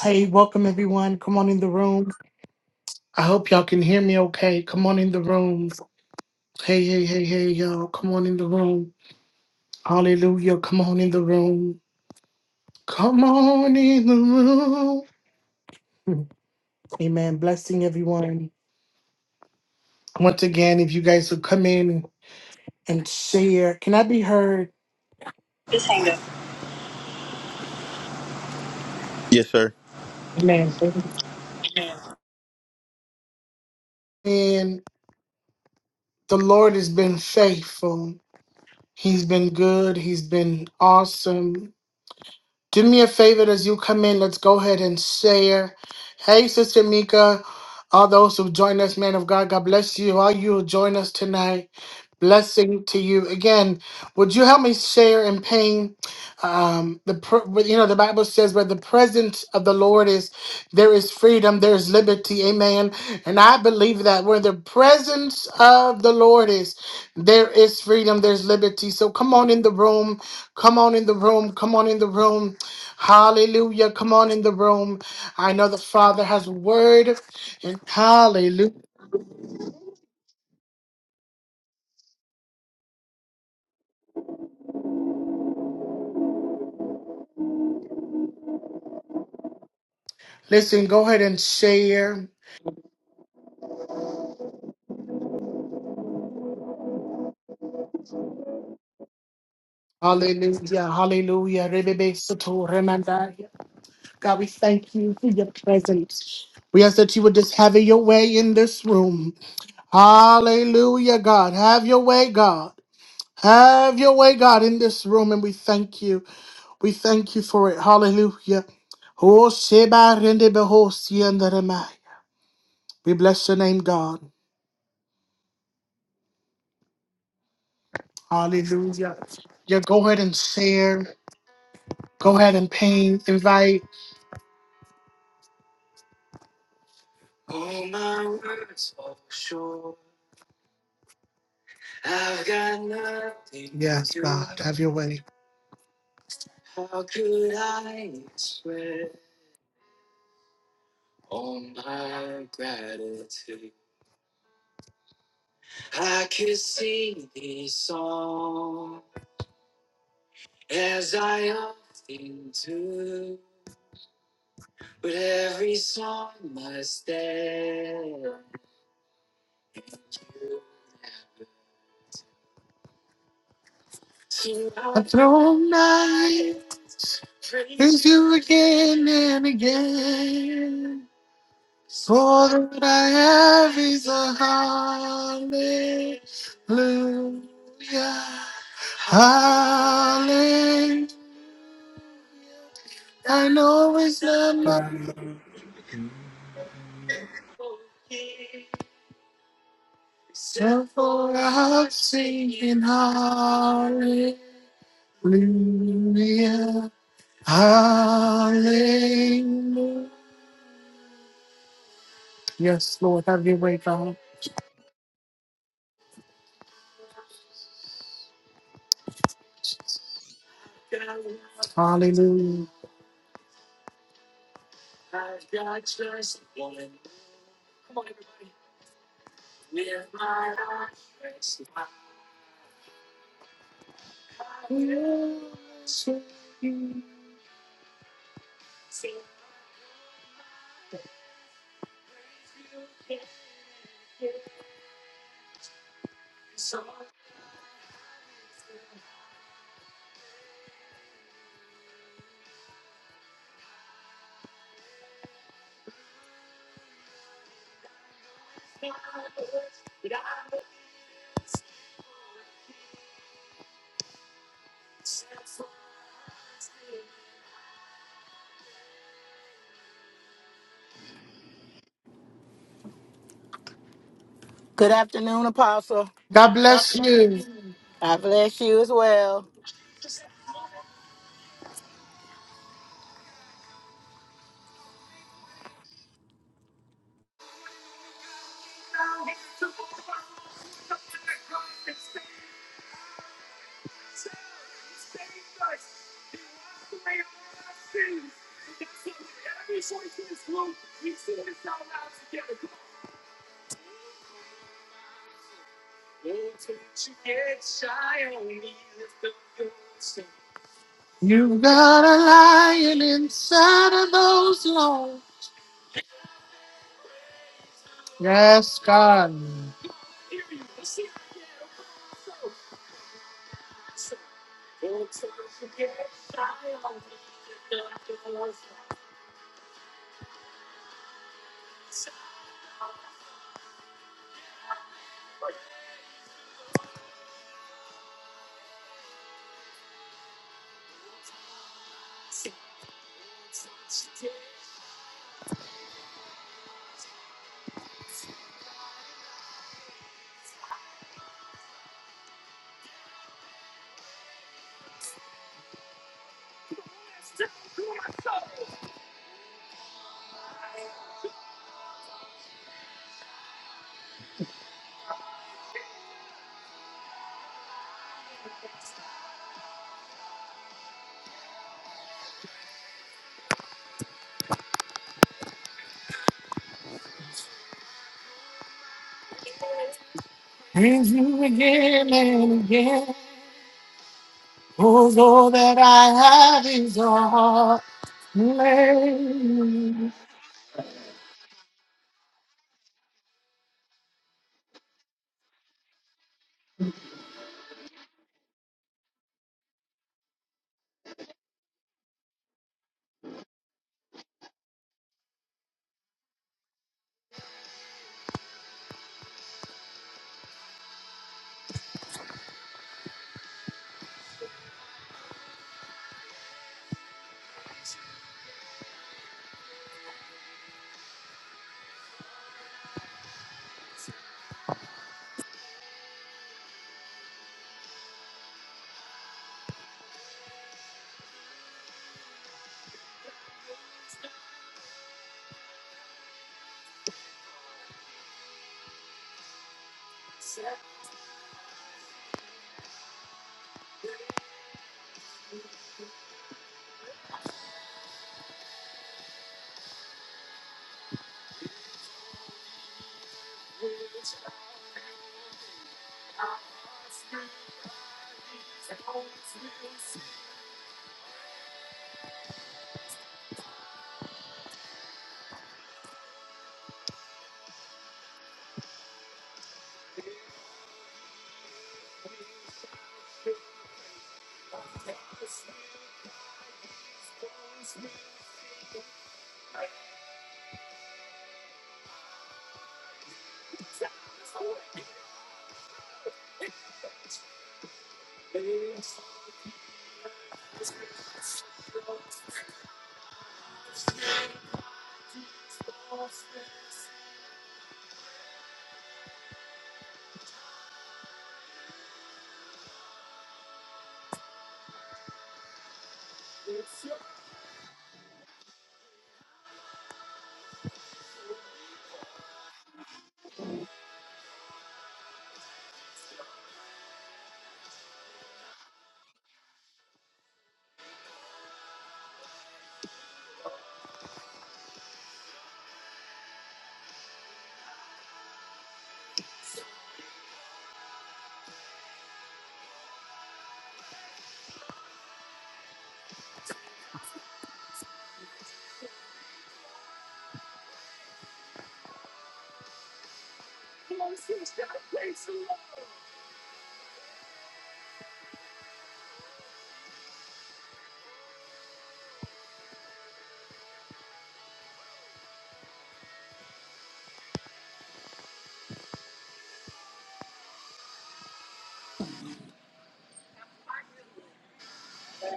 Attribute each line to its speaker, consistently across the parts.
Speaker 1: Hey, welcome everyone. Come on in the room. I hope y'all can hear me okay. Come on in the room. Hey, hey, hey, hey, y'all. Come on in the room. Hallelujah. Come on in the room. Come on in the room. Amen. Blessing everyone. Once again, if you guys would come in and share, can I be heard?
Speaker 2: Just hang up. Yes, sir.
Speaker 1: Amen. And the Lord has been faithful. He's been good. He's been awesome. do me a favor as you come in. Let's go ahead and share. Hey, Sister Mika, all those who join us, man of God, God bless you. All you who join us tonight, blessing to you. Again, would you help me share and ping? Um, the pr- but, you know the Bible says where the presence of the Lord is, there is freedom, there is liberty. Amen. And I believe that where the presence of the Lord is, there is freedom, there's liberty. So come on in the room. Come on in the room. Come on in the room. Hallelujah. Come on in the room. I know the Father has a word. And hallelujah. Listen, go ahead and share. Hallelujah. Hallelujah. Rebebe soto remandaya. God, we thank you for your presence. We ask that you would just have your way in this room. Hallelujah, God. Have your way, God. Have your way, God, in this room. And we thank you. We thank you for it. Hallelujah. Oh, Sheba Rende Behosi and the Remai. We bless your name, God. Hallelujah. Yeah, go ahead and share. Go ahead and ping, invite. I've got nothing. Yes, to God, have your way. How could I express all my gratitude? I could sing these songs as I often do, but every song must end. A throne night is you again and again. All that I have is a hallelujah. Hallelujah. I know it's not my so for i am singing hallelujah. Hallelujah. Yes, Lord, have your way, God. Hallelujah.
Speaker 3: Good afternoon, Apostle.
Speaker 1: God bless you.
Speaker 3: I bless you as well.
Speaker 1: You've got a lion inside of those lungs. Yes, God. Praise you again and again. 'Cause all that I have is your heart. Yeah,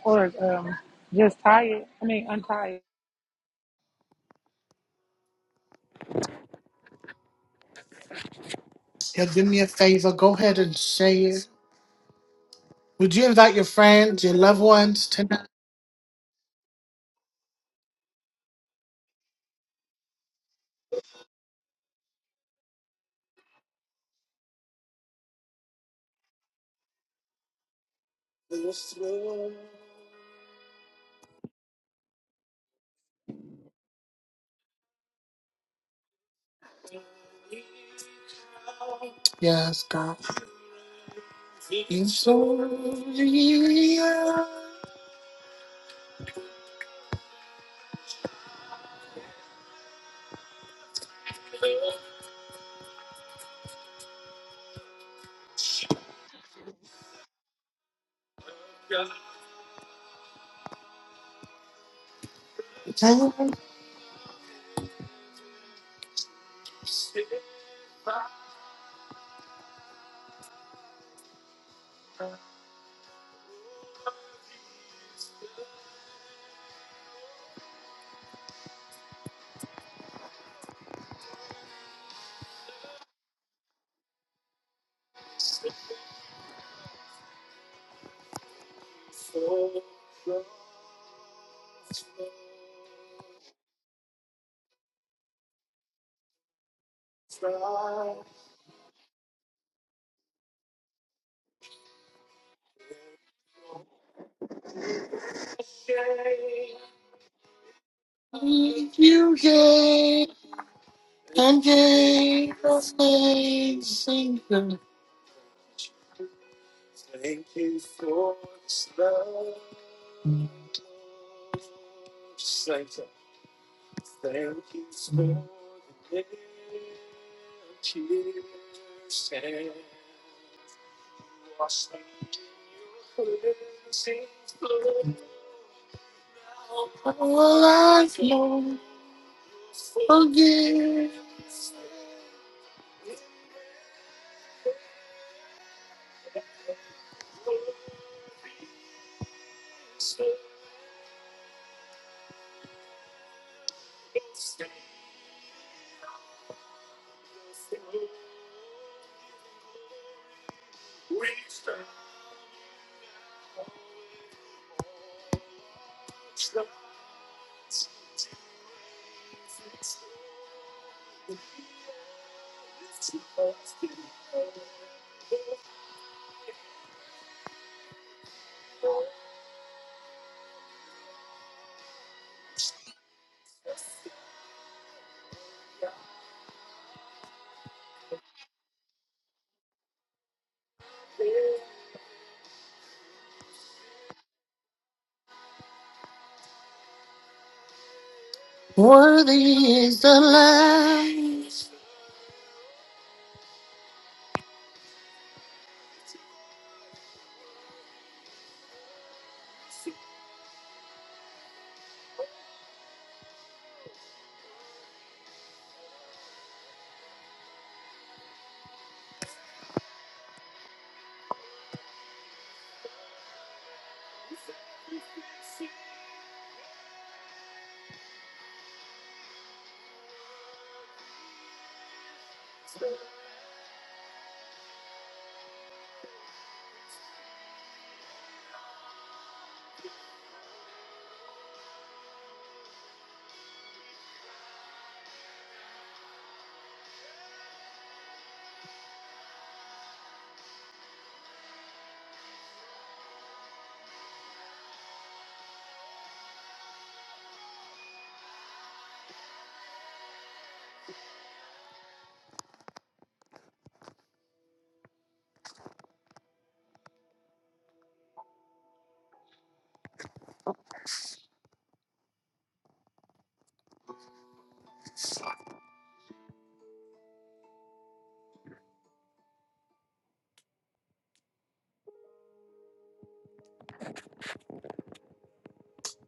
Speaker 4: or um, just tie it. I mean, untie it.
Speaker 1: do me a favor. Go ahead and say it. Would you invite your friends, your loved ones tonight? Yes, God. You're so real. You gave and gave us things. Thank you for this love, Saint. Thank you for the tears and wash me in your cleansing blood. Forgive. Worthy is the Lamb.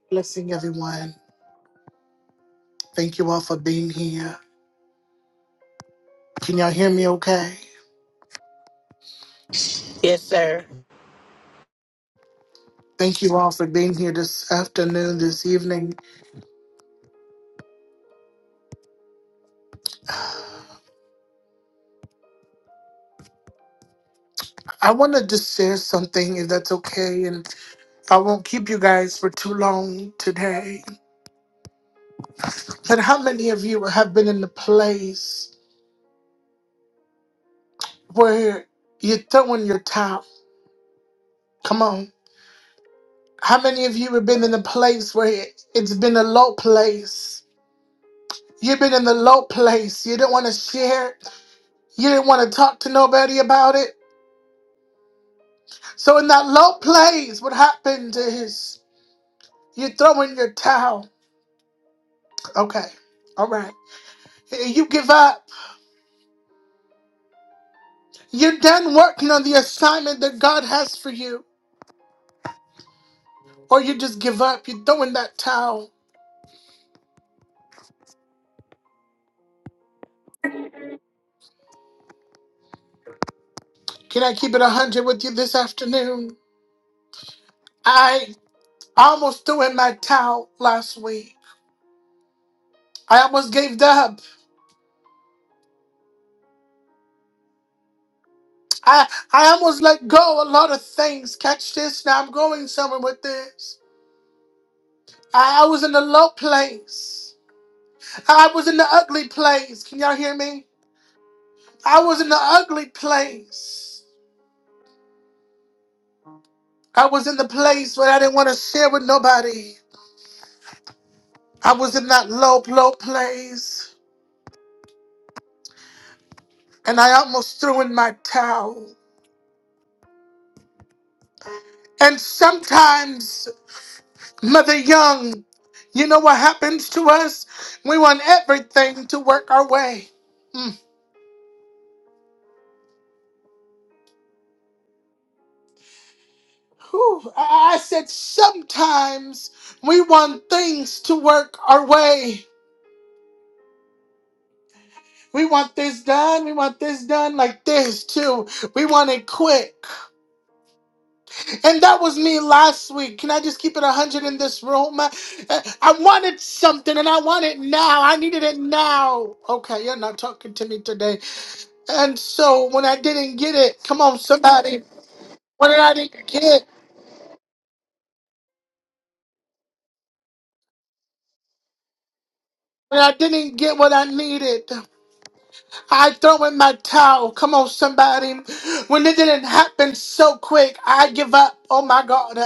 Speaker 1: Blessing everyone. Thank you all for being here. Can y'all hear me okay?
Speaker 3: Yes, sir.
Speaker 1: Thank you all for being here this afternoon, this evening. I want to just share something, if that's okay, and I won't keep you guys for too long today. But how many of you have been in the place where you're throwing your towel? Come on. How many of you have been in a place where it's been a low place? You've been in the low place. You didn't want to share it. You didn't want to talk to nobody about it. So in that low place, what happened is you throw in your towel. Okay. All right. You give up You're done working on the assignment that God has for you. Or you just give up. You throw in that towel. Can I keep it 100 with you this afternoon? I almost threw in my towel last week. I almost gave up. I, I almost let go a lot of things. Catch this now. I'm going somewhere with this. I, I was in a low place. I was in the ugly place. Can y'all hear me? I was in the ugly place. I was in the place where I didn't want to share with nobody. I was in that low, low place, and I almost threw in my towel. And sometimes, Mother Young, you know what happens to us? We want everything to work our way. Mm. Whew. I I said, sometimes we want things to work our way. We want this done. We want this done like this, too. We want it quick. And that was me last week. Can I just keep it 100 in this room? Uh, I wanted something and I want it now. I needed it now. Okay, you're not talking to me today. And so when I didn't get it, come on, somebody. When I didn't get, when I didn't get what I needed. I throw in my towel. Come on, somebody. When it didn't happen so quick, I give up. Oh my God.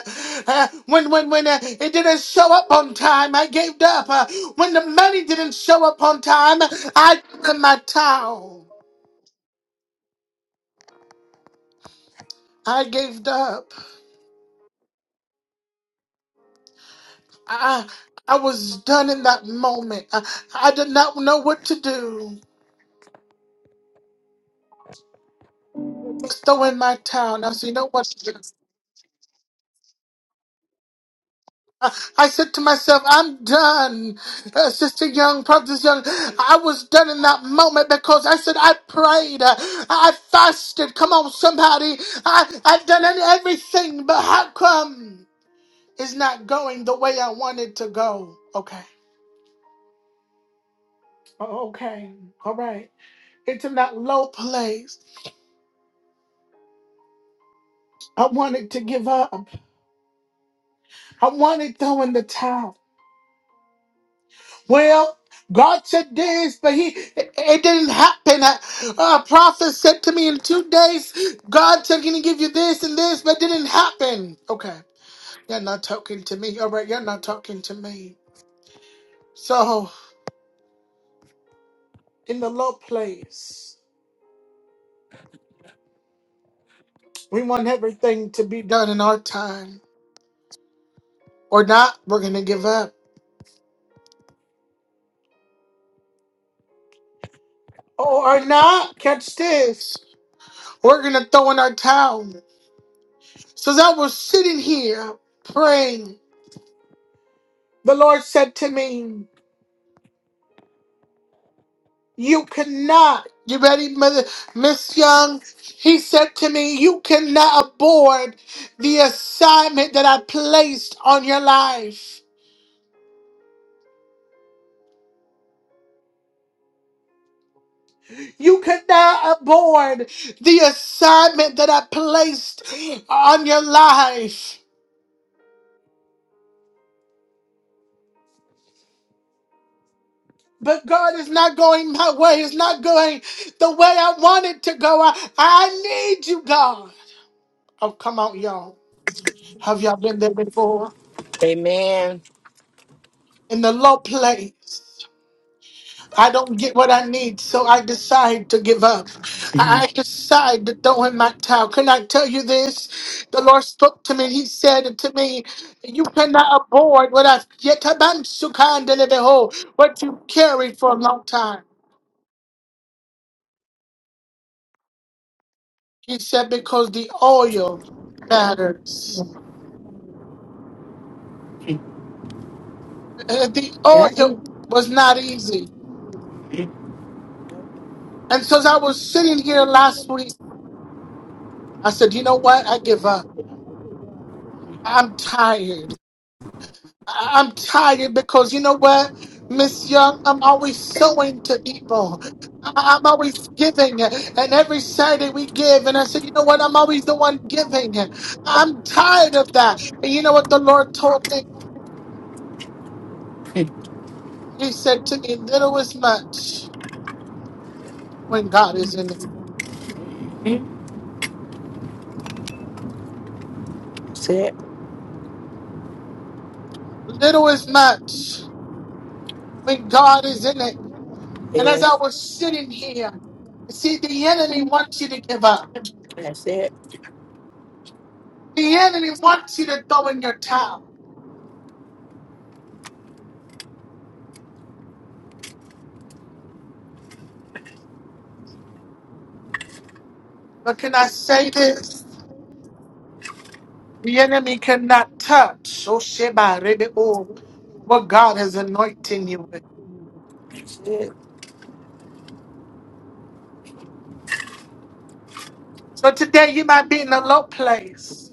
Speaker 1: Uh, when when when uh, it didn't show up on time, I gave up. Uh, when the money didn't show up on time, I threw in my towel. I gave up. I I was done in that moment. I, I did not know what to do. Just throw in my towel. Now, so you know what? I I said to myself, I'm done. Uh, Sister Young, Prophetess Young, I was done in that moment because I said, I prayed. Uh, I fasted. Come on, somebody. I, I've done everything, but how come it's not going the way I want it to go? Okay. Oh, Okay. All right. It's in that low place. I wanted to give up. I wanted throwing the towel. Well, God said this, but he it, it didn't happen. A, a prophet said to me in two days, God said, "Can he give you this and this?" But it didn't happen. Okay, you're not talking to me. All right, you're not talking to me. So, in the low place, we want everything to be done in our time, or not. We're gonna give up, or not. Catch this. We're gonna throw in our towel. So as I was sitting here praying, the Lord said to me. You cannot. You ready, Mother Miss Young? He said to me, You cannot abort the assignment that I placed on your life. You cannot abort the assignment that I placed on your life. But God is not going my way. It's not going the way I want it to go. I, I need you, God. Oh, come on, y'all. Have y'all been there before?
Speaker 3: Amen.
Speaker 1: In the low place. I don't get what I need, so I decide to give up. I I decide to throw in my towel. Can I tell you this? The Lord spoke to me. He said to me, You cannot abort what I've yet what you carried for a long time. He said, Because the oil matters. Uh, The
Speaker 3: Yep.
Speaker 1: oil was not easy. And so as I was sitting here last week, I said, You know what? I give up. I'm tired. I- I'm tired because you know what, Miss Young, I'm always sowing to people. I- I'm always giving, and every Saturday we give. And I said, you know what? I'm always the one giving. I'm tired of that. And you know what the Lord told me?
Speaker 3: That's
Speaker 1: He said to me, little is much when God is in it.
Speaker 3: it.
Speaker 1: Little is much when God is in it. And as I
Speaker 3: Yes.
Speaker 1: was sitting here, see, the enemy wants you to give up.
Speaker 3: That's it.
Speaker 1: The enemy wants you to throw in your towel. But can I say this? The enemy cannot touch. Oh, Sheba, Rebe, oh, what God is anointing you with.
Speaker 3: That's it.
Speaker 1: So today you might be in a low place.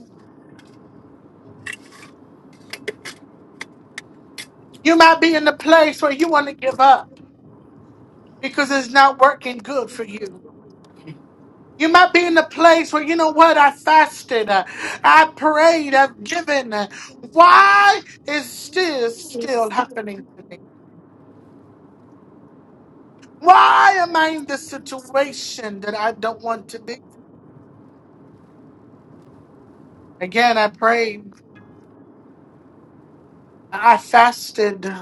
Speaker 1: You might be in a place where you want to give up because it's not working good for you. You might be in a place where, you know what, I fasted, uh, I prayed, I've given. uh, Why is this still happening to me? Why am I in this situation that I don't want to be? Again, I prayed, I fasted,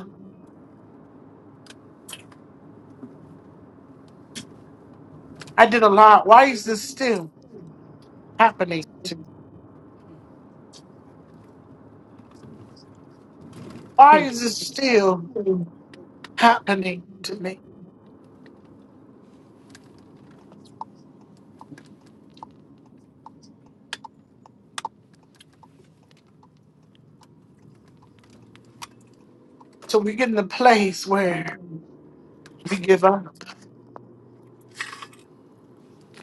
Speaker 1: I did a lot. Why is this still happening to me? Why is this still happening to me? So we get in a place where we give up.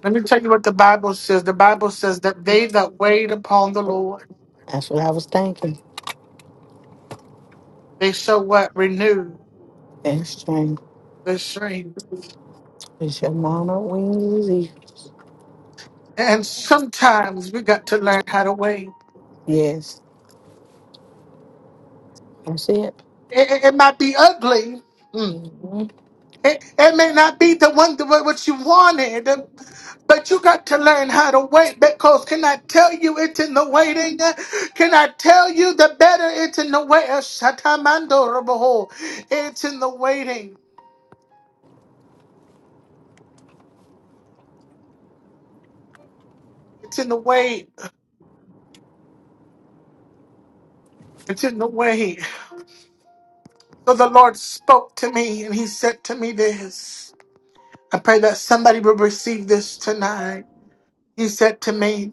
Speaker 1: Let me tell you what the Bible says. The Bible says that they that wait upon the Lord,
Speaker 3: That's what I was thinking.
Speaker 1: they shall what? Renew
Speaker 3: That's strange.
Speaker 1: their strength.
Speaker 3: It's your mama wings. easy.
Speaker 1: And sometimes we got to learn how to wait.
Speaker 3: Yes. That's it.
Speaker 1: It, it- it might be ugly.
Speaker 3: hmm
Speaker 1: It, it may not be the one the, way what you wanted, but you got to learn how to wait because can I tell you it's in the waiting? Can I tell you the better it's in the wait? Shatamandorabo. It's in the waiting. It's in the wait. It's in the wait. So the Lord spoke to me and he said to me this. I pray that somebody will receive this tonight. He said to me,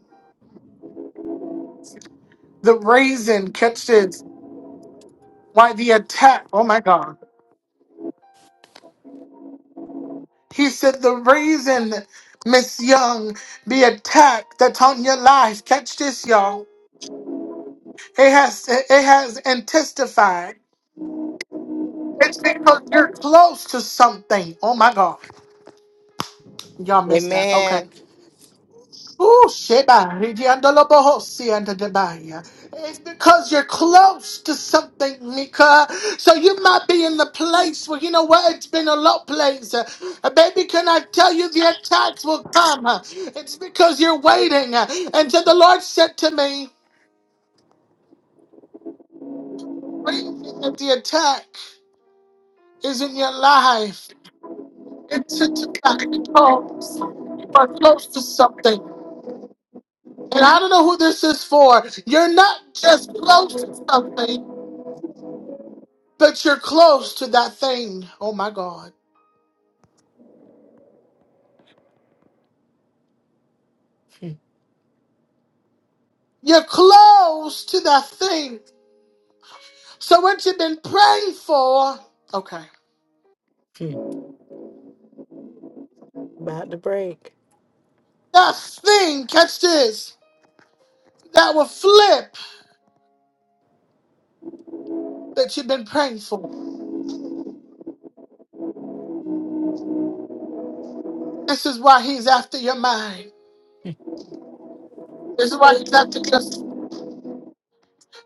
Speaker 1: the reason, catch this, why the attack, oh my God. He said, The reason Miss Young be attacked that's on your life, catch this, y'all. It has it has intensified. It's because you're close to something. Oh my God. Y'all missed that. Okay.
Speaker 3: Amen.
Speaker 1: Ooh, sheba, ridiandolo bohosi and debaya. It's because you're close to something, Nika. So you might be in the place where you know what it's been a low place. Uh, Baby, can I tell you the attacks will come? Uh, It's because you're waiting. Uh, And so the Lord said to me, "Waiting at the attack isn't your life. It's a attack. You are close to something. And I don't know who this is for. You're not just close to something. But you're close to that thing. Oh my God. You're close to that thing. So what you've been praying for, okay.
Speaker 3: Hmm. About to break.
Speaker 1: That thing, catch this, that will flip that you've been praying for. This is why he's after your mind. This is why he's after just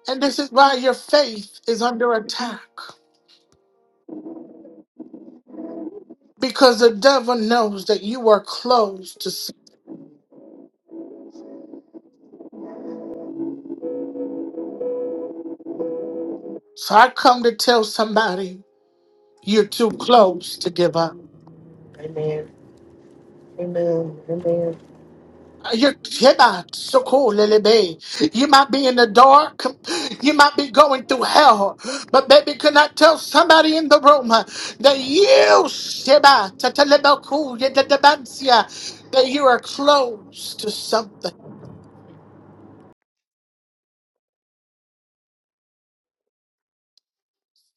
Speaker 1: and this is why your faith is under attack. Because the devil knows that you are close to sin. so I come to tell somebody you're too close to give up.
Speaker 3: Amen. Amen. Amen.
Speaker 1: You cannot so cool, Lily Bay. You might be in the dark, you might be going through hell, but baby, can I tell somebody in the room uh, that you Sheba, Tatalabaku, Yadadabansia, that you are close to something,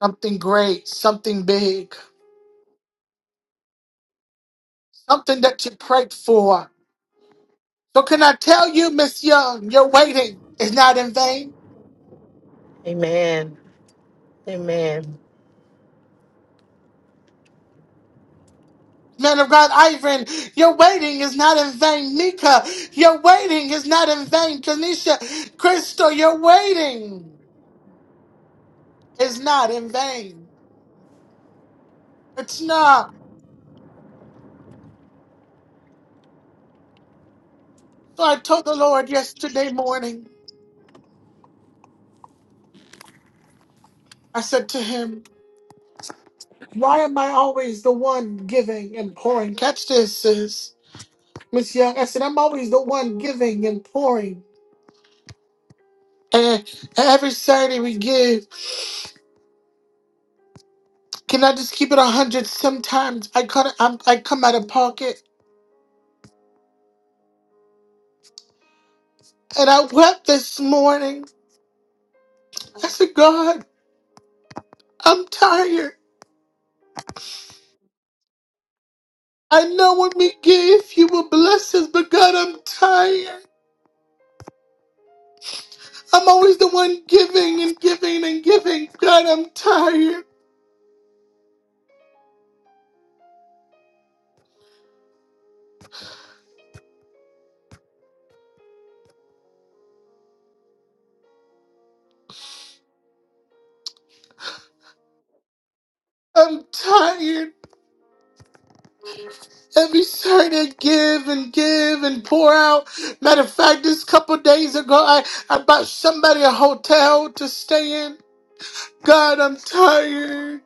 Speaker 1: something great, something big, something that you prayed for. So can I tell you, Miss Young, your waiting is not in vain.
Speaker 3: Amen. Amen.
Speaker 1: Man of God, Ivan, your waiting is not in vain. Nika, your waiting is not in vain. Kanisha, Crystal, your waiting is not in vain. It's not. So I told the Lord yesterday morning, I said to him, Why am I always the one giving and pouring? Catch this, sis. Miss Young, I said, I'm always the one giving and pouring. And every Saturday we give. Can I just keep it a hundred? Sometimes I cut, I'm, I come out of pocket. And I wept this morning. I said, God, I'm tired. I know when we give, you will bless us, but God, I'm tired. I'm always the one giving and giving and giving. God, I'm tired. I'm tired. Every Saturday, I give and give and pour out. Matter of fact, just a couple days ago, I, I bought somebody a hotel to stay in. God, I'm tired.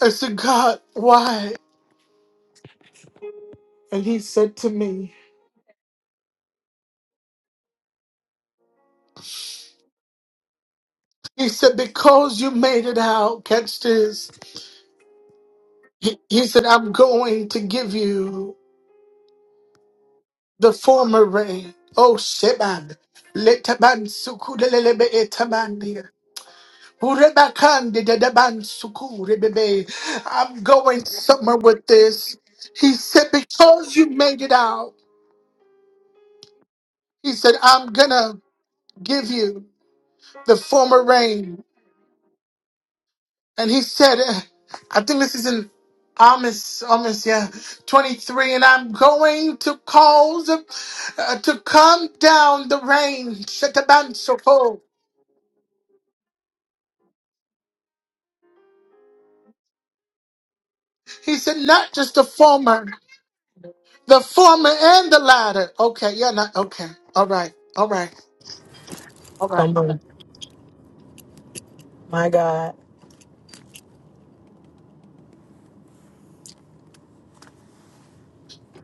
Speaker 1: I said, God, why? And he said to me, He said, Because you made it out, catch this. He, he said, I'm going to give you the former rain. Oh, Sheban. Letaban sukudelelebe etamandia. Urebakande dedeban sukurebebe. I'm going somewhere with this. He said, Because you made it out, he said, I'm going to give you the former rain. And he said, uh, I think this is in Amos, Amos, yeah, 23, and I'm going to cause uh, to come down the rain. Shetabansoko. He said, not just the former, the former and the latter. Okay, yeah, not, okay, all right, all right, all right.
Speaker 3: Come on. My God.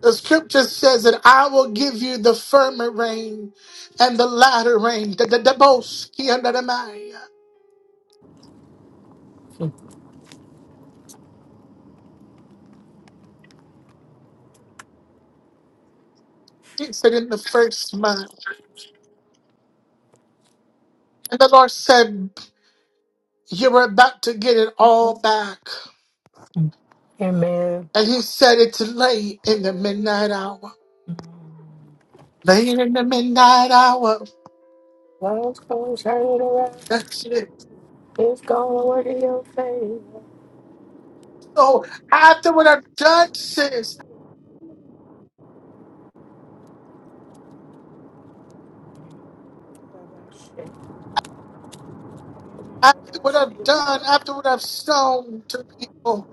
Speaker 1: The scripture says that I will give you the former rain and the latter rain. The the the both. He under the Maya. He said in the first month. And the Lord said. You were about to get it all back.
Speaker 3: Amen.
Speaker 1: And he said it's late in the midnight hour. Late in the midnight hour.
Speaker 3: Love's gonna turn it around.
Speaker 1: That's it.
Speaker 3: It's gonna work in your favor.
Speaker 1: So after what I've done, sis, after what I've done, after what I've sown to people,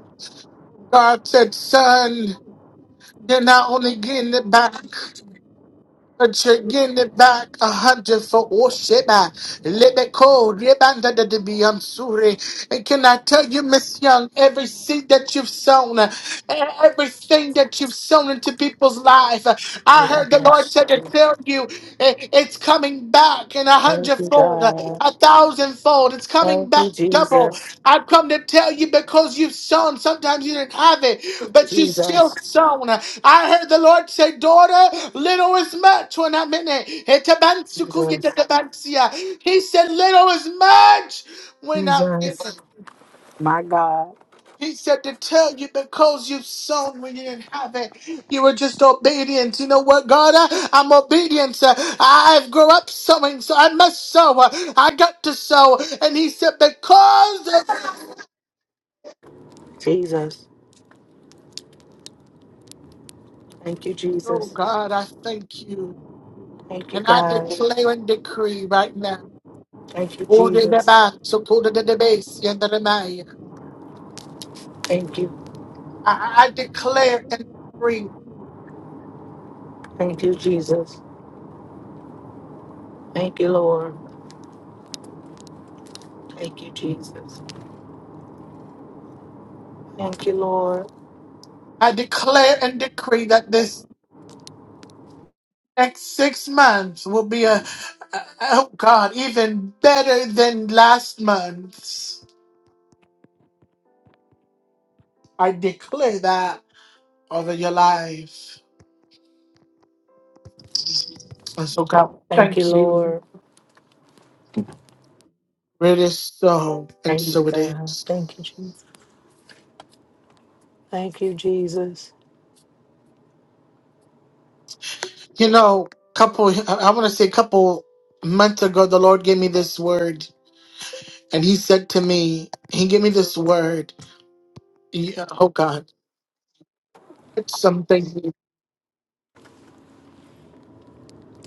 Speaker 1: God said, son, you're not only getting it back. that you're getting it back a hundred for Osheba. Lebeko, Rebanda de Biamsure. And can I tell you, Miss Young, every seed that you've sown, uh, everything that you've sown into people's life, uh, I heard the Lord said to tell you eh, it's coming back in a
Speaker 3: Thank you,
Speaker 1: hundredfold, uh,
Speaker 3: God.
Speaker 1: a thousandfold. It's coming
Speaker 3: Thank you,
Speaker 1: back double.
Speaker 3: Jesus.
Speaker 1: I've come to tell you because you've sown. Sometimes you didn't have it, but you still
Speaker 3: Jesus.
Speaker 1: sown. I heard the Lord say, Daughter, little is much when I'm in it.
Speaker 3: Jesus.
Speaker 1: Etabansukuyetetebansia. He said, Little is much when I'm in
Speaker 3: Jesus.
Speaker 1: it.
Speaker 3: My God.
Speaker 1: He said to tell you because you've sown when you didn't have it. You were just obedient. You know what, God? I, I'm obedient. Uh, I've grown up sowing, so I must sow. Uh, I got to sow. And he said, because
Speaker 3: Jesus. Thank you,
Speaker 1: Oh
Speaker 3: Jesus.
Speaker 1: God, I thank you.
Speaker 3: Thank you,
Speaker 1: And I
Speaker 3: God.
Speaker 1: declare and decree right now.
Speaker 3: Thank you,
Speaker 1: oh, the
Speaker 3: Jesus.
Speaker 1: Baba, so cool to the debase, yeah, the Ramaya.
Speaker 3: Thank you.
Speaker 1: I I declare and decree.
Speaker 3: Thank you, Jesus. Thank you, Lord. Thank you, Jesus. Thank you, Lord.
Speaker 1: I declare and decree that this next six months will be a, oh God, even better than last month's. I declare that over your life. And so God,
Speaker 3: Thank you,
Speaker 1: thank you.
Speaker 3: Lord.
Speaker 1: It is so, and
Speaker 3: Thank you,
Speaker 1: so it
Speaker 3: God.
Speaker 1: is.
Speaker 3: Thank you, Jesus. Thank you, Jesus.
Speaker 1: You know, couple, I want to say a couple months ago, the Lord gave me this word, and He said to me, He gave me this word. Yeah, oh, God, catch something.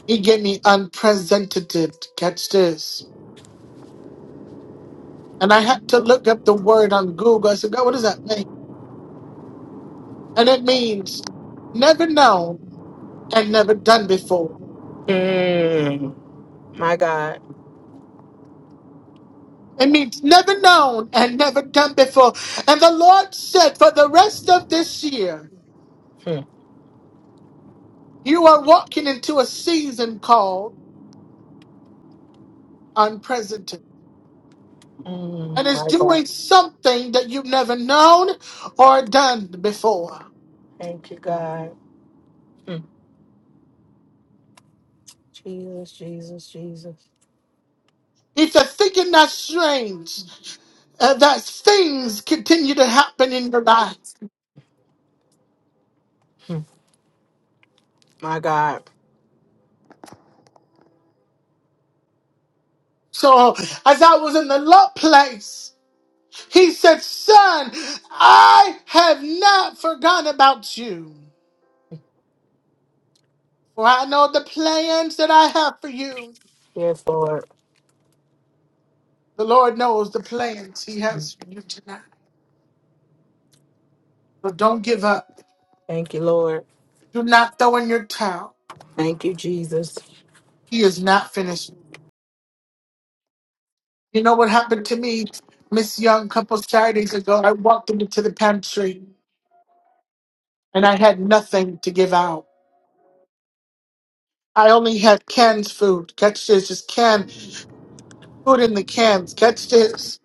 Speaker 1: He gave me unprecedented. Catch this. And I had to look up the word on Google. I said, God, what does that mean? And it means never known and never done before.
Speaker 3: Mm, my God.
Speaker 1: It means never known and never done before. And the Lord said, for the rest of this year,
Speaker 3: Mm,
Speaker 1: you are walking into a season called unprecedented and
Speaker 3: mm,
Speaker 1: is
Speaker 3: my
Speaker 1: doing
Speaker 3: God.
Speaker 1: something that you've never known or done before.
Speaker 3: Thank you, God. Mm, Jesus, Jesus, Jesus.
Speaker 1: If you're thinking that's strange, uh, that things continue to happen in your life.
Speaker 3: Mm, my God.
Speaker 1: So, as I was in the low place, he said, Son, I have not forgotten about you. For I know the plans that I have for you.
Speaker 3: Yes, Lord.
Speaker 1: The Lord knows the plans He
Speaker 3: Mm,
Speaker 1: has for you tonight. So don't give up.
Speaker 3: Thank you, Lord.
Speaker 1: Do not throw in your towel.
Speaker 3: Thank you, Jesus.
Speaker 1: He is not finished. You know what happened to me, Miss Young, a couple Saturdays ago? I walked into the pantry and I had nothing to give out. I only had canned food. Catch this, just canned food in the cans. Catch this.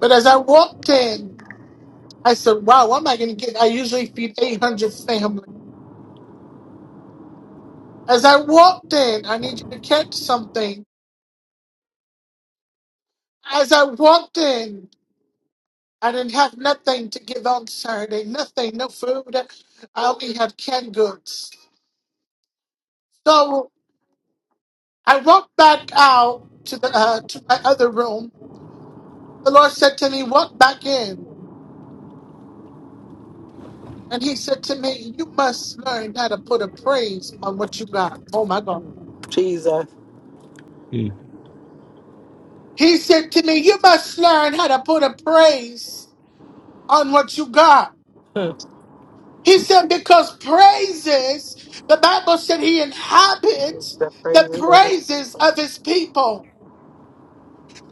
Speaker 1: But as I walked in, I said, wow, what am I going to get? I usually feed 800 families. As I walked in, I need you to catch something. As I walked in, I didn't have nothing to give on Saturday. Nothing, no food. I only had canned goods. So I walked back out to the uh, to my other room. The Lord said to me, "Walk back in." And He said to me, "You must learn how to put a praise on what you got." Oh my God!
Speaker 3: Jesus.
Speaker 1: He said to me, "You must learn how to put a praise on what you got."
Speaker 3: Mm.
Speaker 1: He said, "Because praises, the Bible said He
Speaker 3: It's
Speaker 1: inhabits
Speaker 3: the
Speaker 1: the
Speaker 3: praises of his
Speaker 1: praises of
Speaker 3: people.
Speaker 1: His people."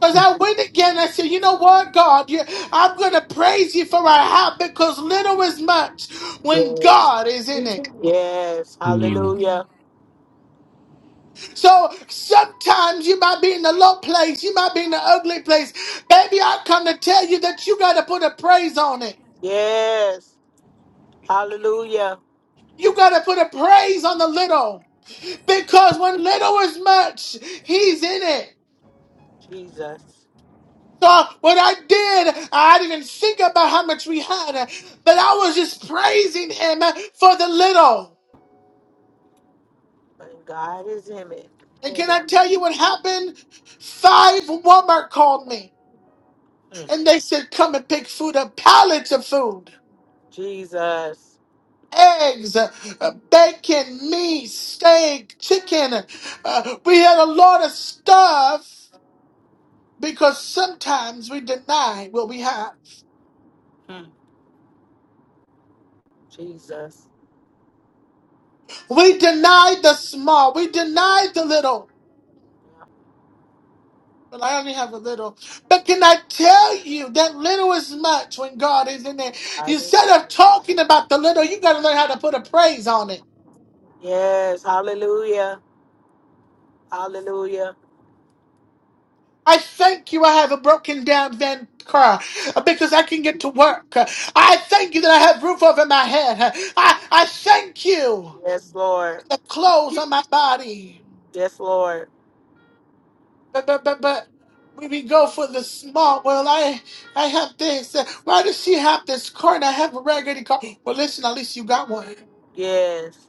Speaker 1: Because
Speaker 3: Mm,
Speaker 1: I went again, I said, you know what, God, you, I'm going to praise you for my heart because little is much when
Speaker 3: Yes.
Speaker 1: God is in it.
Speaker 3: Yes.
Speaker 2: Mm,
Speaker 3: Hallelujah.
Speaker 1: So sometimes you might be in the low place, you might be in the ugly place. Baby, I come to tell you that you got to put a praise on it.
Speaker 3: Yes. Hallelujah.
Speaker 1: You got to put a praise on the little because when little is much, he's in it.
Speaker 3: Jesus.
Speaker 1: So what I did, I didn't think about how much we had, but I was just praising him for the little.
Speaker 3: But God is in it.
Speaker 1: And can I
Speaker 3: Mm,
Speaker 1: tell you what happened? Five Walmart called me and they said, Come and pick food up, pallets of food.
Speaker 3: Jesus.
Speaker 1: Eggs, uh, uh, bacon, meat, steak, chicken. Uh, we had a lot of stuff because sometimes we deny what we have.
Speaker 3: Mm, Jesus.
Speaker 1: We deny the small, we deny the little. But I only have a little. But can I tell you that little is much when God is in there?
Speaker 3: Hallelujah.
Speaker 1: Instead of talking about the little, you got to learn how to put a praise on it.
Speaker 3: Yes, hallelujah. Hallelujah.
Speaker 1: I thank you I have a broken down van car uh, because I can get to work. Uh, I thank you that I have roof over my head. Uh, I, I thank you
Speaker 3: Yes,
Speaker 1: for
Speaker 3: Lord.
Speaker 1: the clothes on my body.
Speaker 3: Yes, Lord.
Speaker 1: But, but, but, but we, we go for the small. Well, I I have this. Uh, Why does she have this car and I have a raggedy car? Well, listen, at least you got one.
Speaker 3: Yes.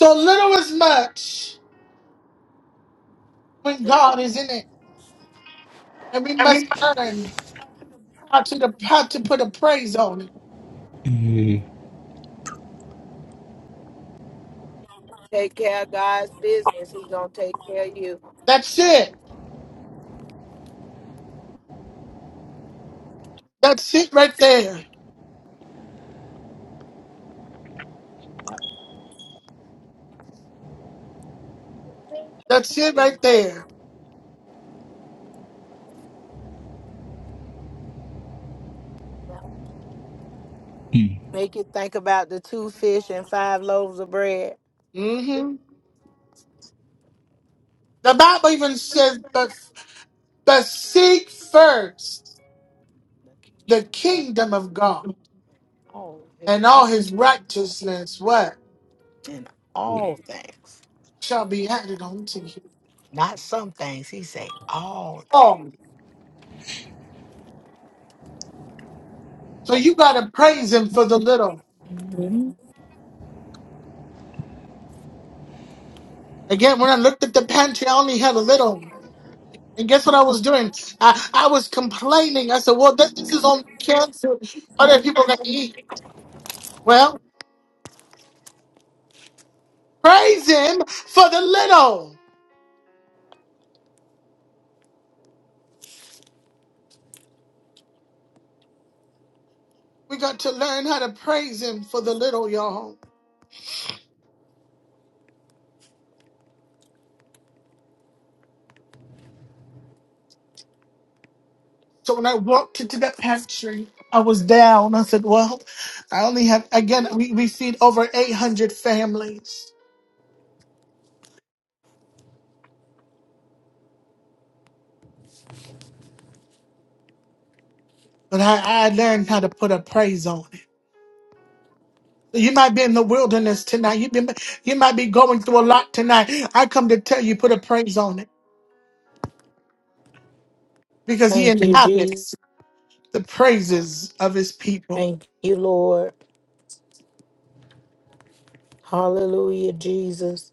Speaker 1: So little is much when
Speaker 3: Take
Speaker 1: God is in it. And we must learn how to, how to put a praise on it.
Speaker 2: mm,
Speaker 3: take care of God's business. He's gonna take care of you.
Speaker 1: That's it. That's it right there.
Speaker 3: Yep.
Speaker 1: That's it right there.
Speaker 3: Yep. Make you think about the two fish and five loaves of bread.
Speaker 1: hmm The Bible even says, but, but seek first the kingdom of God
Speaker 3: All is
Speaker 1: and all
Speaker 3: right.
Speaker 1: his righteousness, what?
Speaker 3: In all things.
Speaker 1: Shall be added unto you.
Speaker 3: Not some things. He say all things.
Speaker 1: Oh, so you got to praise him for the little.
Speaker 3: Mhm.
Speaker 1: Again, when I looked at the pantry, I only had a little. And guess what I was doing? I, I was complaining. I said, well, this, this is only cancer. Other people got to eat. Well, praise him for the little. We got to learn how to praise him for the little, y'all. So when I walked into that pantry, I was down. I said, well, I only have, again, we, we feed over 800 families. But I, I learned how to put a praise on it. So You might be in the wilderness tonight. You, be, you might be going through a lot tonight. I come to tell you, put a praise on it because he
Speaker 3: Thank you, Jesus.
Speaker 1: inhabits the praises of his people.
Speaker 3: Thank you, Lord. Hallelujah, Jesus.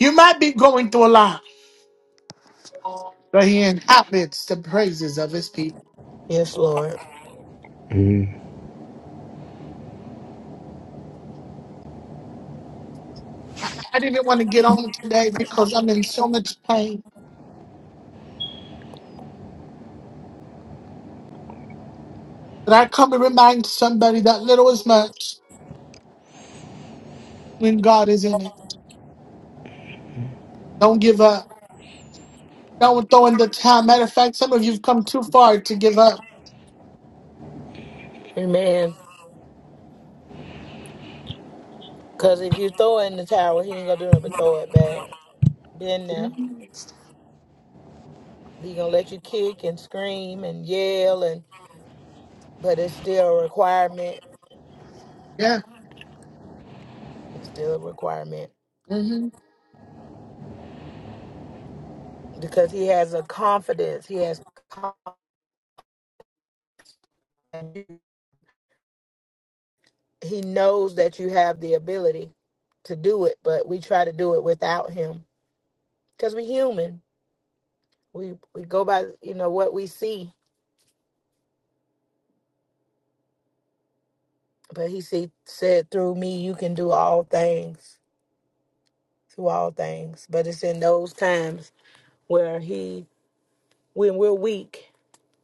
Speaker 1: You might be going through a lot, but he inhabits the praises of his people.
Speaker 3: Yes, Lord.
Speaker 2: mm.
Speaker 1: I I didn't want to get on today because I'm in so much pain. But I come and remind somebody that little is much when God is in it. Don't give up. Don't throw in the towel. Matter of fact, some of you've come too far to give up.
Speaker 3: Amen. Because if you throw it in the towel, he ain't going to do nothing but throw it back. Then now He going to let you kick and scream and yell, and but it's still a requirement.
Speaker 1: Yeah.
Speaker 3: It's still a requirement
Speaker 1: hmm
Speaker 3: because he has a confidence. He has confidence. He knows that you have the ability to do it, but we try to do it without him because we're human. We we go by you know what we see, but he see, said through me you can do all things. to all things. But it's in those times where he when we're weak,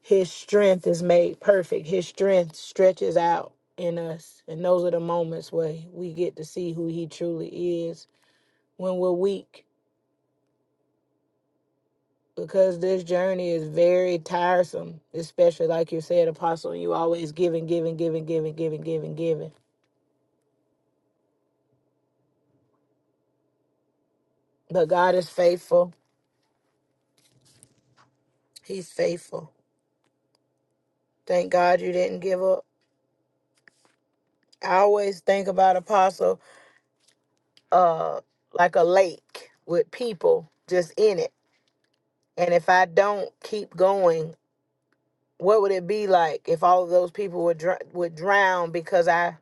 Speaker 3: his strength is made perfect. His strength stretches out in us. And those are the moments where we get to see who he truly is when we're weak. Because this journey is very tiresome, especially like you said, Apostle, you always giving, giving, giving, giving, giving, giving, giving. But God is faithful. He's faithful. Thank God you didn't give up. I always think about Apostle uh like a lake with people just in it and if i don't keep going what would it be like if all of those people would dr- would drown because i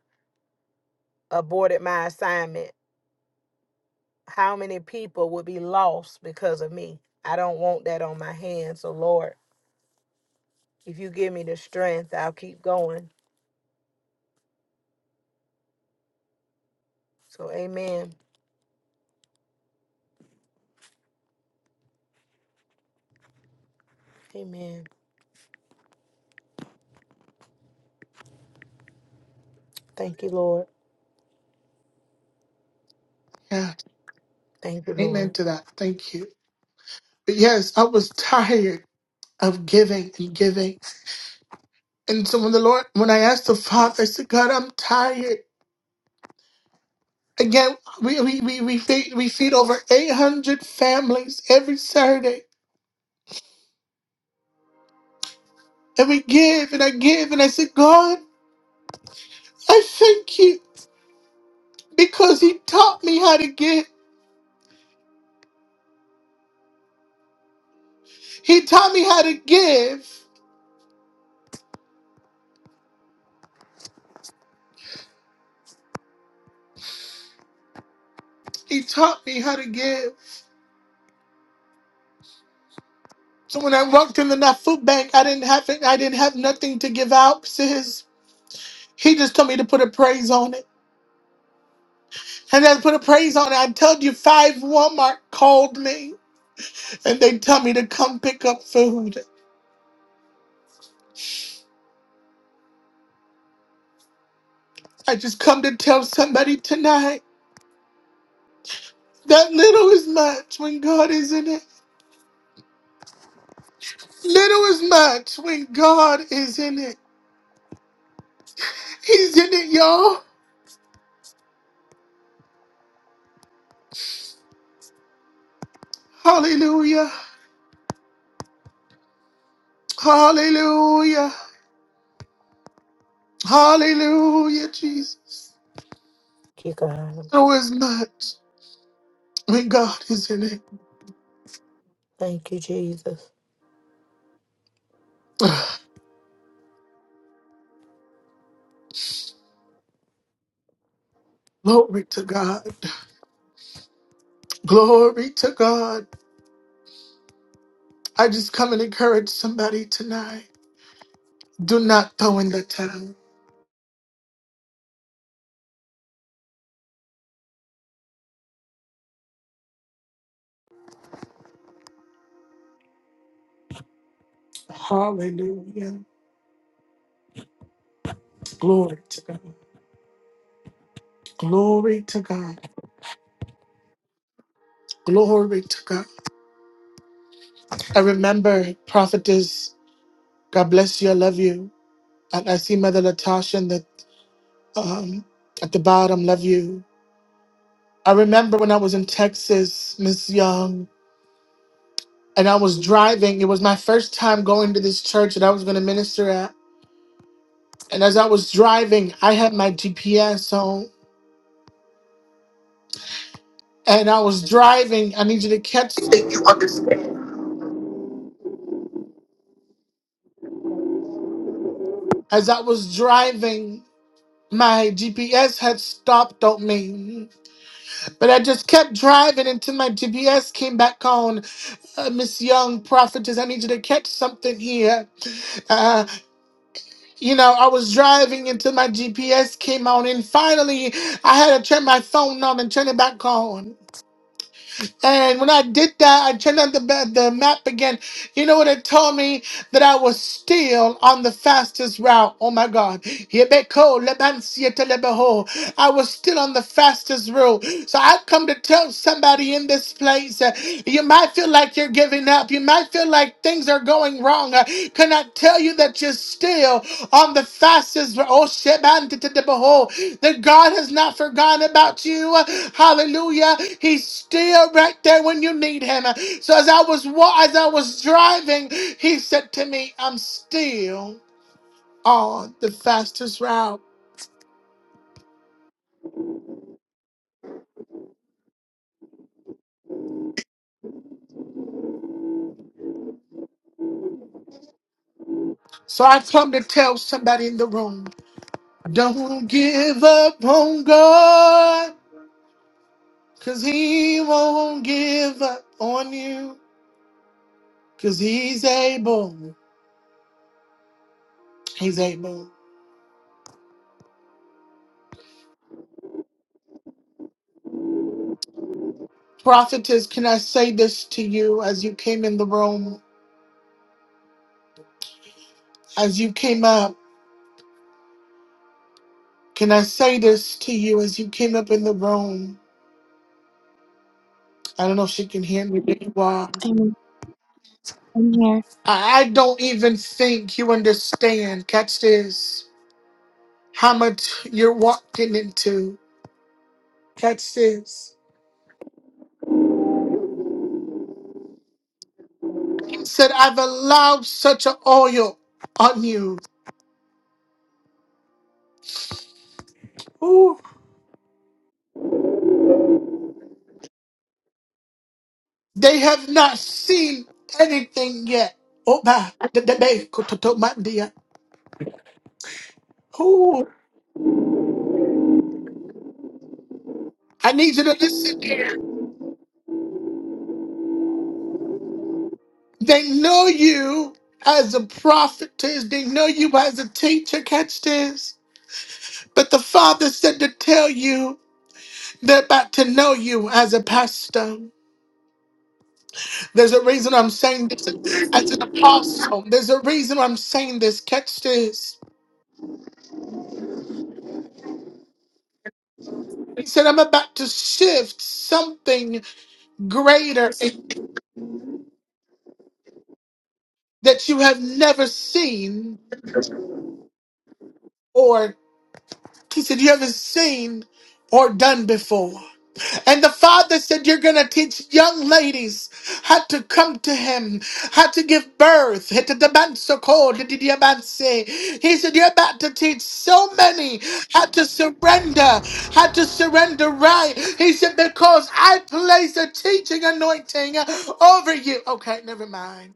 Speaker 3: aborted my assignment how many people would be lost because of me i don't want that on my hands so lord if you give me the strength i'll keep going so amen amen thank you lord
Speaker 1: Yeah.
Speaker 3: thank you
Speaker 1: Amen
Speaker 3: lord
Speaker 1: to that. Thank you. But yes, I was tired of giving and giving. And so when the Lord, when I asked the Father, I said, God, I'm tired. Again, we we we we feed, we feed over 800 families every Saturday. And we give and I give and I said, God, I thank you because He taught me how to give. He taught me how to give. He taught me how to give. So when I walked in that food bank, I didn't have it, I didn't have nothing to give out, sis. He just told me to put a praise on it. And I put a praise on it. I told you five Walmart called me and they tell me to come pick up food. I just come to tell somebody tonight that little is much when God is in it. Little is much when God is in it. He's in it, y'all. Hallelujah. Hallelujah. Hallelujah, Jesus.
Speaker 3: Thank you, God.
Speaker 1: Little is much when God is in it.
Speaker 3: thank you jesus
Speaker 1: Glory to God. Glory to God. I just come and encourage somebody tonight. Do not throw in the towel. Hallelujah. Glory to God. Glory to God. Glory to God. I remember prophetess. God bless you. I love you. And I see Mother Latasha in the, um, at the bottom. Love you. I remember when I was in Texas, Miss Young, and I was driving. It was my first time going to this church that I was going to minister at. And as I was driving, I had my GPS on. And I was driving. I need you to catch it. As I was driving, my GPS had stopped on me. But I just kept driving until my GPS came back on. Uh, Miss Young, prophetess, I need you to catch something here. Uh, you know, I was driving until my GPS came on, and finally I had to turn my phone on and turn it back on. And when I did that, I turned on the, ba- the map again. You know what it told me? That I was still on the fastest route. Oh my God. Yebeko, lebansia, telebeho. I was still on the fastest route. So I come to tell somebody in this place uh, you might feel like you're giving up. You might feel like things are going wrong. Uh, can I tell you that you're still on the fastest route? Oh, shebantitebeho that God has not forgotten about you. Hallelujah. He's still right there when you need him. So as I was wa- as I was driving, he said to me, I'm still on the fastest route. So I come to tell somebody in the room, don't give up on God, cause he won't give up on you. Cause he's able. He's able. Prophetess, can I say this to you as you came in the room? As you came up, can I say this to you as you came up in the room? I don't know if she can hear me, but you are.
Speaker 5: Amen. I'm here.
Speaker 1: I I don't even think you understand, catch this, how much you're walking into. Catch this. He said, I've allowed such an oil on you. Ooh. They have not seen anything yet. Oh, my. The- the- they- Ooh. I need you to listen. They know you as a prophetess. They know you as a teacher. Catch this. But the Father said to tell you they're about to know you as a pastor. There's a reason I'm saying this as an apostle. There's a reason I'm saying this. Catch this. He said, I'm about to shift something greater that you have never seen or he said, you haven't seen or done before. And the father said, You're going to teach young ladies how to come to him, how to give birth. He said, You're about to teach so many how to surrender, how to surrender right. He said, Because I place a teaching anointing over you. Okay, never mind.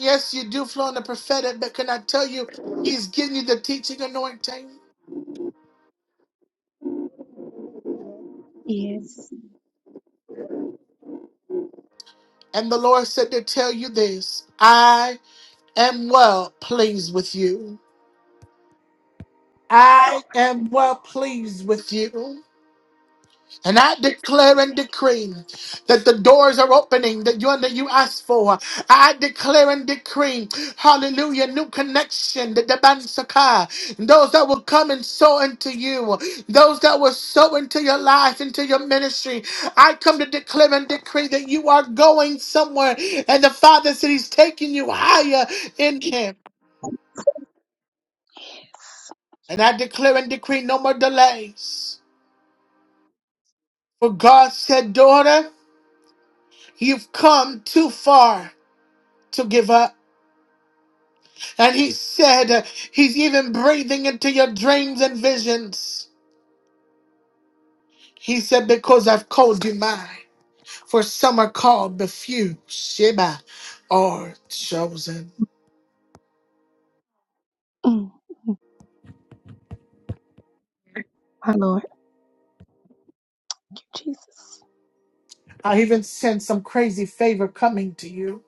Speaker 1: Yes, you do flow in the prophetic, but can I tell you, he's giving you the teaching anointing?
Speaker 5: Yes.
Speaker 1: And the Lord said to tell you this. I. am well pleased with you. I am well pleased with you. And I declare and decree that the doors are opening that you that you asked for. I declare and decree, hallelujah, new connection, the Dabansaka, those that will come and sow into you, those that will sow into your life, into your ministry. I come to declare and decree that you are going somewhere and the Father said He's taking you higher in Him. And I declare and decree no more delays. For God said, Daughter, you've come too far to give up. And He said, uh, He's even breathing into your dreams and visions. He said, Because I've called you mine. For some are called, but few, Sheba, are chosen.
Speaker 5: Mm, mm. My Lord, Thank you, Jesus.
Speaker 1: I even sense some crazy favor coming to you.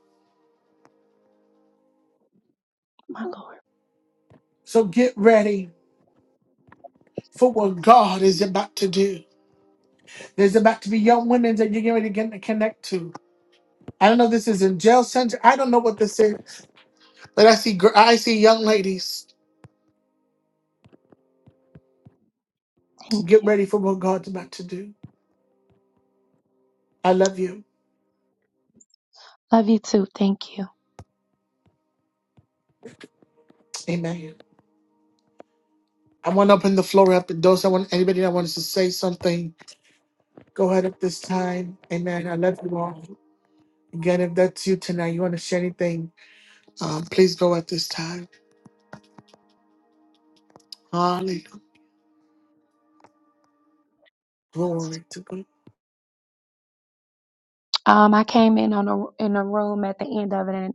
Speaker 5: My Lord,
Speaker 1: So get ready for what God is about to do. There's about to be young women that you're getting ready to get- connect to. I don't know if this is in jail center. I don't know what this is, but I see gr- I see young ladies
Speaker 5: thank
Speaker 1: get
Speaker 5: you.
Speaker 1: ready for what God's about to do. I love you.
Speaker 5: Love you too. Thank you.
Speaker 1: Amen. I want to open the floor up and those that want anybody that wants to say something, go ahead at this time. Amen. I love you all. Again, if that's you tonight, you want to share anything, um, please go at this time. Hallelujah. Glory to God.
Speaker 5: Um, I came in on a in a room at the end of it, and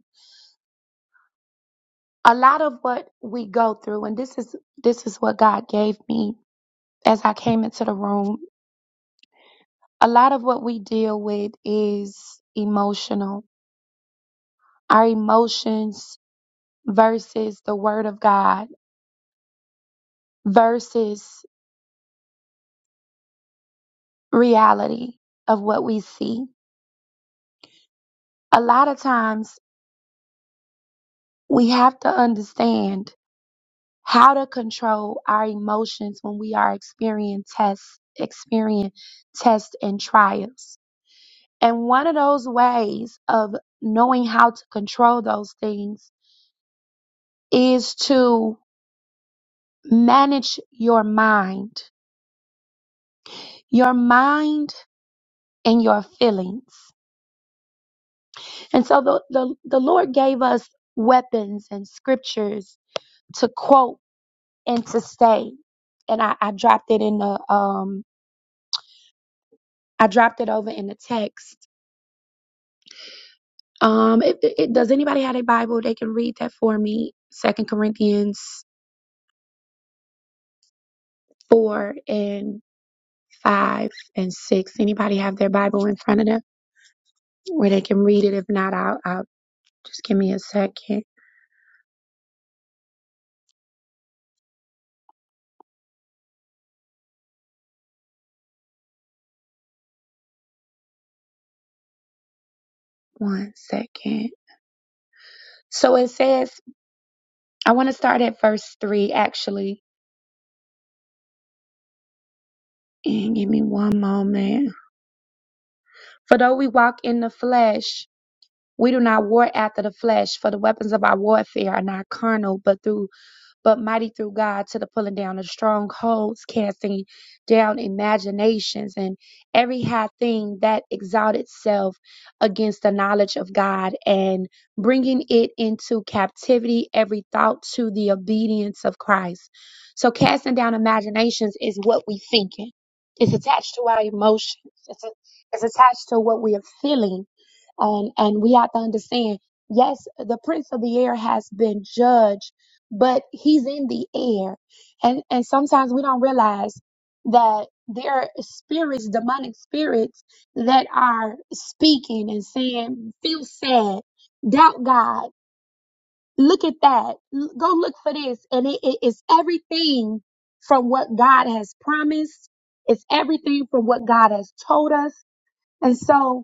Speaker 5: a lot of what we go through, and this is this is what God gave me as I came into the room. A lot of what we deal with is emotional. Our emotions versus the Word of God versus reality of what we see. A lot of times we have to understand how to control our emotions when we are experiencing tests, experience tests and trials. And one of those ways of knowing how to control those things is to manage your mind, your mind and your feelings. And so the, the, the Lord gave us weapons and scriptures to quote and to say. And I, I dropped it in the um I dropped it over in the text. Um, it, it, does anybody have a Bible? They can read that for me. Second Corinthians four and five and six. Anybody have their Bible in front of them where they can read it? If not, I'll, I'll just give me a second. One second. So it says, I want to start at verse three actually. And give me one moment. For though we walk in the flesh, we do not war after the flesh, for the weapons of our warfare are not carnal, but through but mighty through God to the pulling down of strongholds, casting down imaginations and every high thing that exalt itself against the knowledge of God and bringing it into captivity, every thought to the obedience of Christ. So casting down imaginations is what we thinking. It's attached to our emotions. It's, a- it's attached to what we are feeling. And, and we have to understand, yes, the prince of the air has been judged but he's in the air and and sometimes we don't realize that there are spirits demonic spirits that are speaking and saying feel sad doubt god look at that L- go look for this and it, it is everything from what god has promised it's everything from what god has told us and so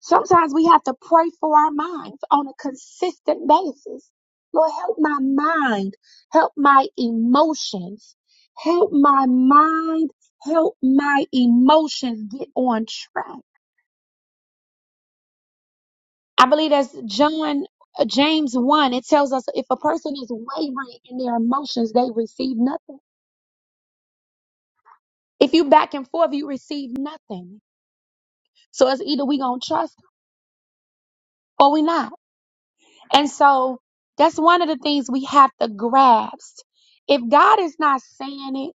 Speaker 5: Sometimes we have to pray for our minds on a consistent basis. Lord, help my mind, help my emotions, help my mind, help my emotions get on track. I believe that's John uh, James 1. It tells us if a person is wavering in their emotions, they receive nothing. If you back and forth, you receive nothing. So it's either we gonna trust or we not. And so that's one of the things we have to grasp. If God is not saying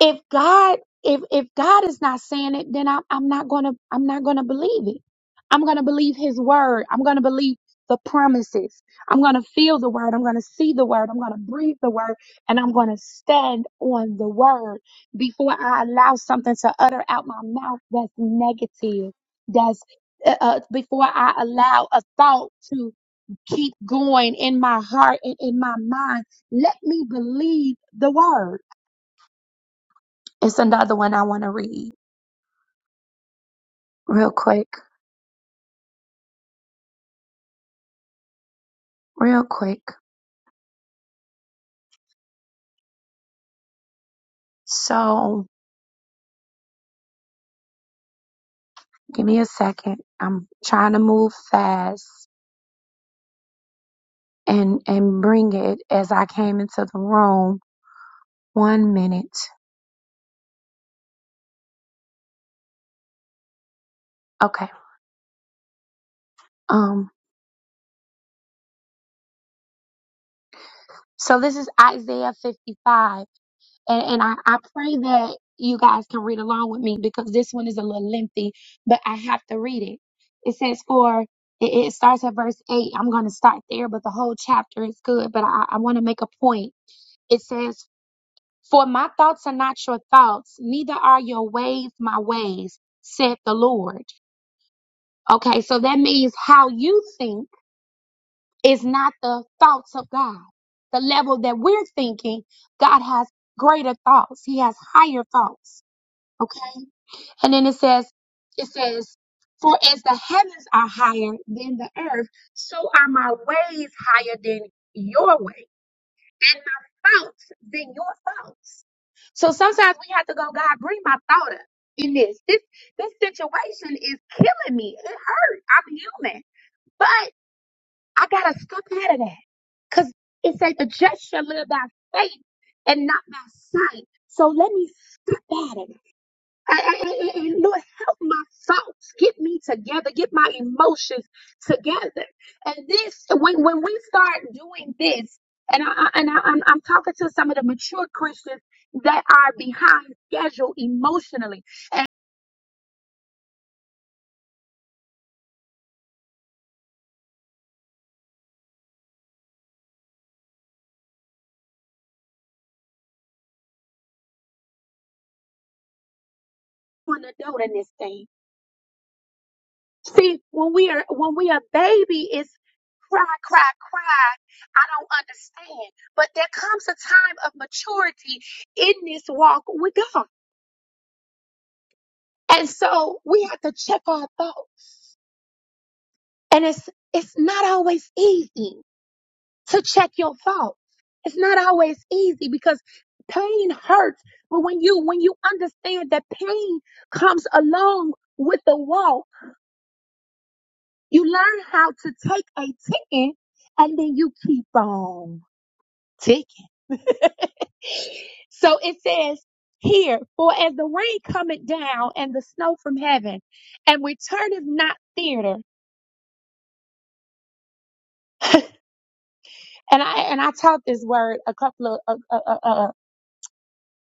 Speaker 5: it, if God if if God is not saying it, then I'm I'm not gonna I'm not gonna believe it. I'm gonna believe his word. I'm gonna believe the promises. I'm gonna feel the word. I'm gonna see the word. I'm gonna breathe the word and I'm gonna stand on the word before I allow something to utter out my mouth that's negative. That's uh, uh, before I allow a thought to keep going in my heart and in my mind. Let me believe the word. It's another one I want to read real quick, real quick. So give me a second. I'm trying to move fast and, and bring it as I came into the room. One minute. Okay. Um, so this is Isaiah 55 and, and I, I pray that you guys can read along with me because this one is a little lengthy, but I have to read it. It says, For it, it starts at verse 8. I'm going to start there, but the whole chapter is good. But I, I want to make a point. It says, For my thoughts are not your thoughts, neither are your ways my ways, said the Lord. Okay, so that means how you think is not the thoughts of God. The level that we're thinking, God has greater thoughts, He has higher thoughts. Okay. And then it says, it says, for as the heavens are higher than the earth, so are my ways higher than your way, and my thoughts than your thoughts. So sometimes we have to go, God, bring my thought up in this. This this situation is killing me. It hurt. I'm human. But I gotta step out of that. Cause it says, the just shall live by faith and not by sight. So let me step out of it. And, and, and- and Lord, help my thoughts. Get me together. Get my emotions together. And this, when when we start doing this, and I I- and I, I'm, I'm talking to some of the mature Christians that are behind schedule emotionally and an adult in this thing. See, when we are when we are baby, it's cry, cry, cry. I don't understand. But there comes a time of maturity in this walk with God. And so we have to check our thoughts. And it's it's not always easy to check your thoughts. It's not always easy because pain hurts. But when you when you understand that pain comes along with the walk, you learn how to take a ticking and then you keep on ticking. So it says here, for as the rain cometh down and the snow from heaven, and returneth not theater. And I and I taught this word a couple of a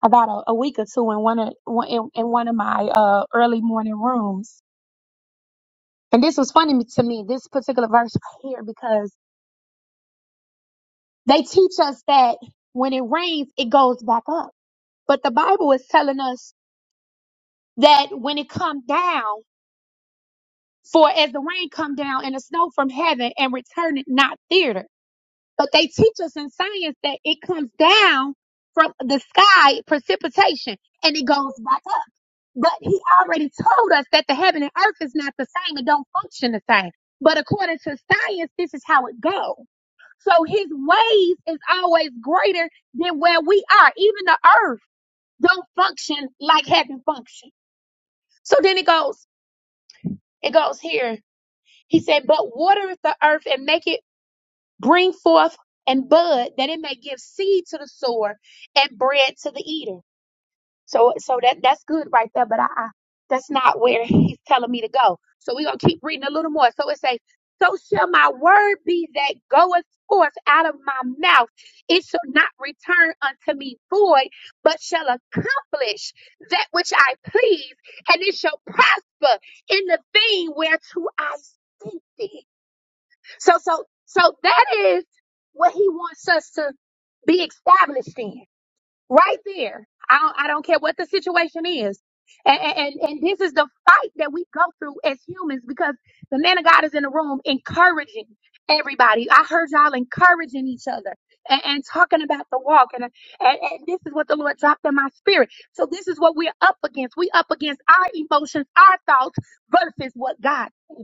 Speaker 5: about a, a week or two in one of one- in, in one of my uh, early morning rooms, and this was funny to me. This particular verse right here because they teach us that when it rains, it goes back up, but the Bible is telling us that when it comes down, for as the rain come down and the snow from heaven and return it not thither. But they teach us in science that it comes down from the sky, precipitation, and it goes back up. But he already told us that the heaven and earth is not the same. It don't function the same. But according to science, this is how it goes. So his ways is always greater than where we are. Even the earth don't function like heaven function. So then it goes, it goes here. He said, but watereth the earth and maketh Bring forth and bud that it may give seed to the sower and bread to the eater. So so that that's good right there, but I, I that's not where he's telling me to go. So we're gonna keep reading a little more. So it says, So shall my word be that goeth forth out of my mouth. It shall not return unto me void, but shall accomplish that which I please, and it shall prosper in the thing whereto I sent it. So so so that is what he wants us to be established in. Right there. I don't I don't care what the situation is. And, and and this is the fight that we go through as humans because the man of God is in the room encouraging everybody. I heard y'all encouraging each other and, and talking about the walk and, and and this is what the Lord dropped in my spirit. So this is what we're up against. We up against our emotions, our thoughts versus what God. says.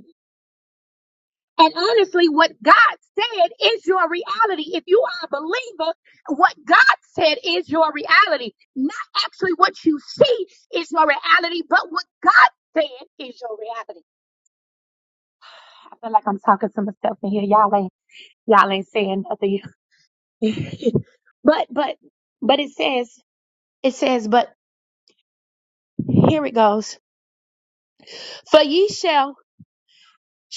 Speaker 5: And honestly, what God said is your reality. If you are a believer, what God said is your reality. Not actually what you see is your reality, but what God said is your reality. I feel like I'm talking to myself in here. Y'all ain't y'all ain't saying nothing. but but but it says it says, but here it goes. For ye shall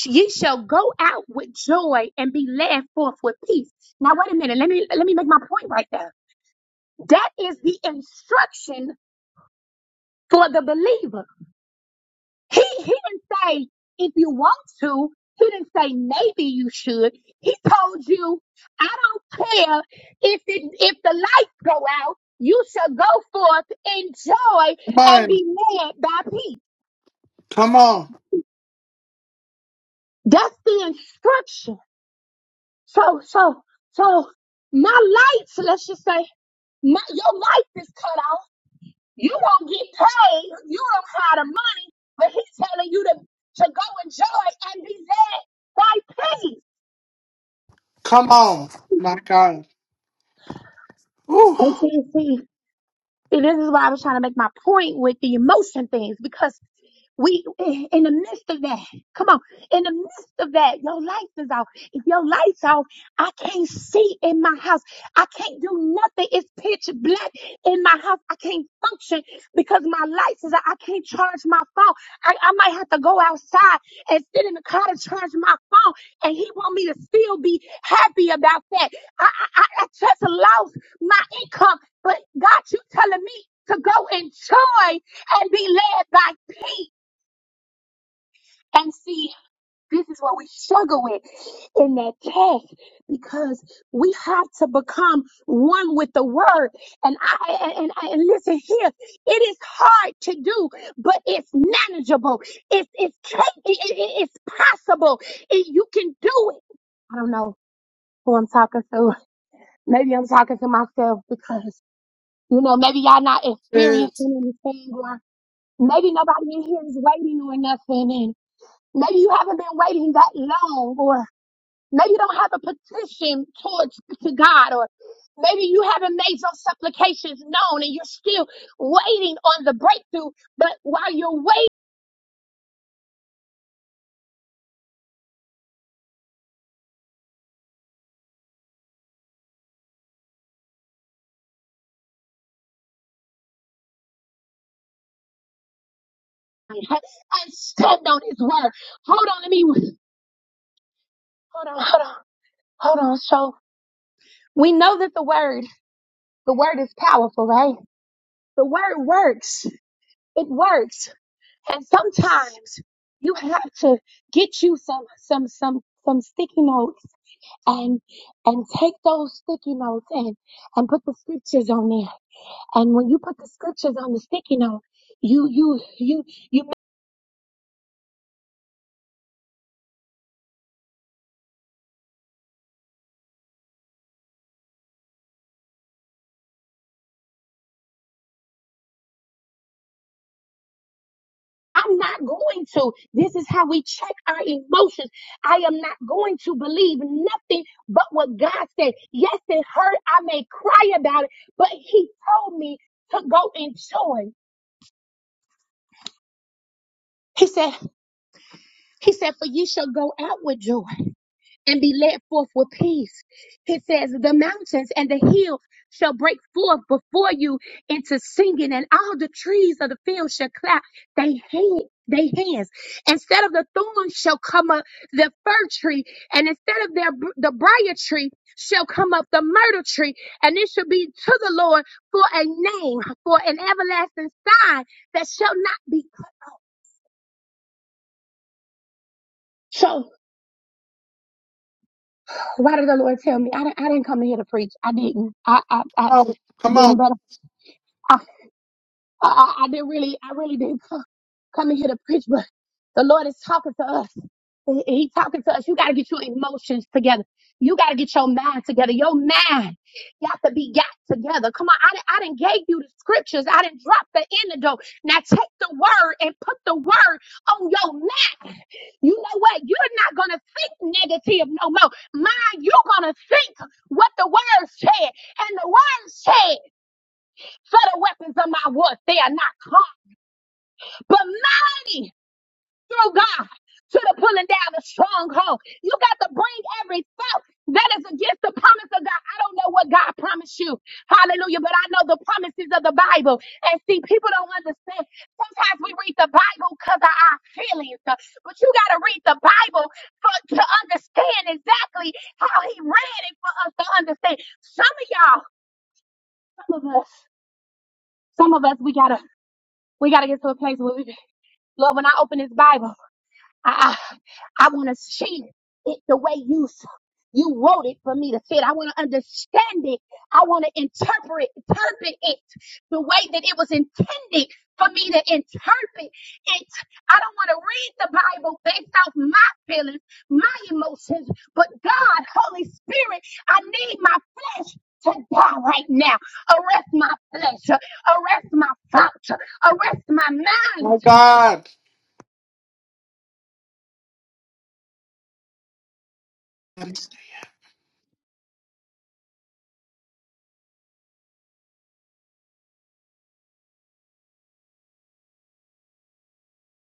Speaker 5: ye shall go out with joy and be led forth with peace. Now wait a minute. Let me let me make my point right there That is the instruction for the believer. He, he didn't say, if you want to, he didn't say, maybe you should. He told you, I don't care if it, if the lights go out, you shall go forth in joy and be led by peace.
Speaker 1: Come on. Come on.
Speaker 5: That's the instruction. So, so, so my lights, let's just say, my, your life is cut off. You won't get paid. You don't have the money. But he's telling you to, to go enjoy and be led by peace.
Speaker 1: Come on. My God. Ooh.
Speaker 5: And see, see, see, this is why I was trying to make my point with the emotion things because We in the midst of that. Come on, in the midst of that, your lights is off. If your lights off, I can't see in my house. I can't do nothing. It's pitch black in my house. I can't function because my lights is out. I can't charge my phone. I, I might have to go outside and sit in the car to charge my phone. And he want me to still be happy about that. I I, I just lost my income, but God, you telling me to go enjoy and be led by peace. And see, this is what we struggle with in that text because we have to become one with the word. And I and, and, I- and listen here, it is hard to do, but it's manageable. It's it's ca- it, it- it- it's possible. It, you can do it. I don't know who I'm talking to. Maybe I'm talking to myself because you know maybe y'all not
Speaker 1: Yes.
Speaker 5: experiencing anything or maybe nobody in here is waiting or nothing Maybe you haven't been waiting that long, or maybe you don't have a petition towards to God, or maybe you haven't made your supplications known and you're still waiting on the breakthrough. But while you're waiting, and stand on His word. Hold on, to me. Hold on, hold on, hold on. So we know that the word, the word is powerful, right? The word works. It works, and sometimes you have to get you some, some, some, some sticky notes and and take those sticky notes and and put the scriptures on there. And when you put the scriptures on the sticky note, you you you you. I'm not going to. This is how we check our emotions. I am not going to believe nothing but what God said. Yes, it hurt. I may cry about it, but He told me to go in joy. He said, He said, for you shall go out with joy. and be led forth with peace. He says, The mountains and the hill shall break forth before you into singing, and all the trees of the field shall clap they hand, they hands. Instead of the thorns shall come up the fir tree, and instead of their, the briar tree shall come up the myrtle tree, and it shall be to the Lord for a name, for an everlasting sign that shall not be. So, why did the Lord tell me? I, di- I didn't come in here to preach. I didn't. I, I, I,
Speaker 1: Oh,
Speaker 5: I
Speaker 1: come on.
Speaker 5: didn't. I, I, I didn't really, I really didn't come, come in here to preach, but the Lord is talking to us. He he talking to us. You gotta get your emotions together. You gotta get your mind together. Your mind got to be got together. Come on, I didn't, I didn't gave you the scriptures. I didn't drop the antidote. Now take the word and put the word on your mind. You know what? You're not gonna think negative no more. Mind, you're gonna think what the word said. And the word said. For the weapons of my worth, they are not carnal, but mighty through God to the pulling down the stronghold. You got to bring every thought that is against the promise of God. I don't know what God promised you. Hallelujah. But I know the promises of the Bible. And see, people don't understand. Sometimes we read the Bible because of our feelings. uh, But you got to read the Bible for, to understand exactly how he read it for us to understand. Some of y'all, some of us, some of us, we gotta, we gotta get to a place where we Lord, when I open this Bible, I I, I want to see it the way you you wrote it for me to fit. I want to understand it. I want to interpret interpret it the way that it was intended for me to interpret it. I don't want to read the Bible based off my feelings, my emotions, but God, Holy Spirit, I need my flesh. To die right now. Arrest my flesh. Arrest my thoughts. Arrest my mind.
Speaker 1: My God.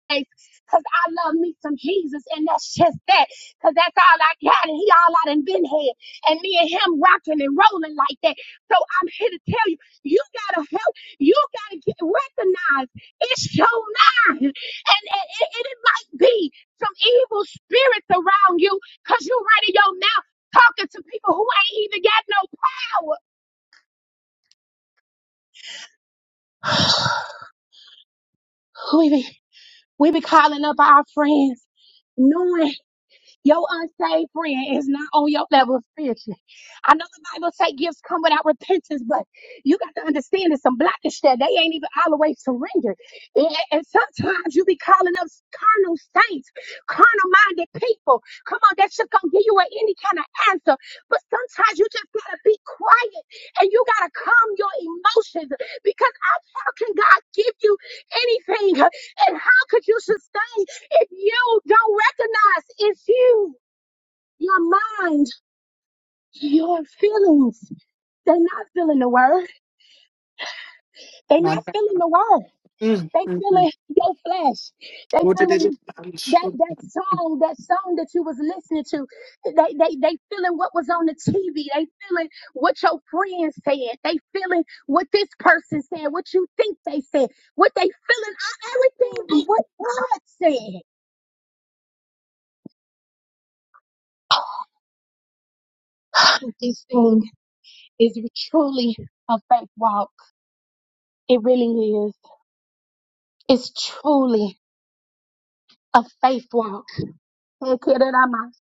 Speaker 5: praise because I love me some Jesus, and that's just that because that's all I got, and He all I done been had, and me and Him rocking and rolling like that. So I'm here to tell you, you gotta help, you gotta get recognized. It's your mind, and, and it, it it might be some evil spirits around you because you running your mouth talking to people who ain't even got no power. we be we be calling up our friends, knowing. Your unsaved friend is not on your level spiritually. I know the Bible says gifts come without repentance, but you got to understand there's some blockage there. They ain't even all the way surrendered. And, and sometimes you be calling up carnal saints, carnal minded people. Come on, that shit gonna give you a- any kind of answer. But sometimes you just gotta be quiet and you gotta calm your emotions because how how can God give you anything? And how could you sustain? If you don't recognize it's you, your mind, your feelings, they're not feeling the word. They're not feeling the word.
Speaker 1: Mm,
Speaker 5: They
Speaker 1: mm, mm.
Speaker 5: feeling your flesh. They
Speaker 1: What did it do?
Speaker 5: feeling that
Speaker 1: You
Speaker 5: that song, that song that you was listening to. They they they feeling what was on the TV. They feeling what your friends said. They feeling what this person said. What you think they said. What they feeling. uh, Everything but what God said. This thing is truly a faith walk. It really is. It's truly a faith walk. Ekererama,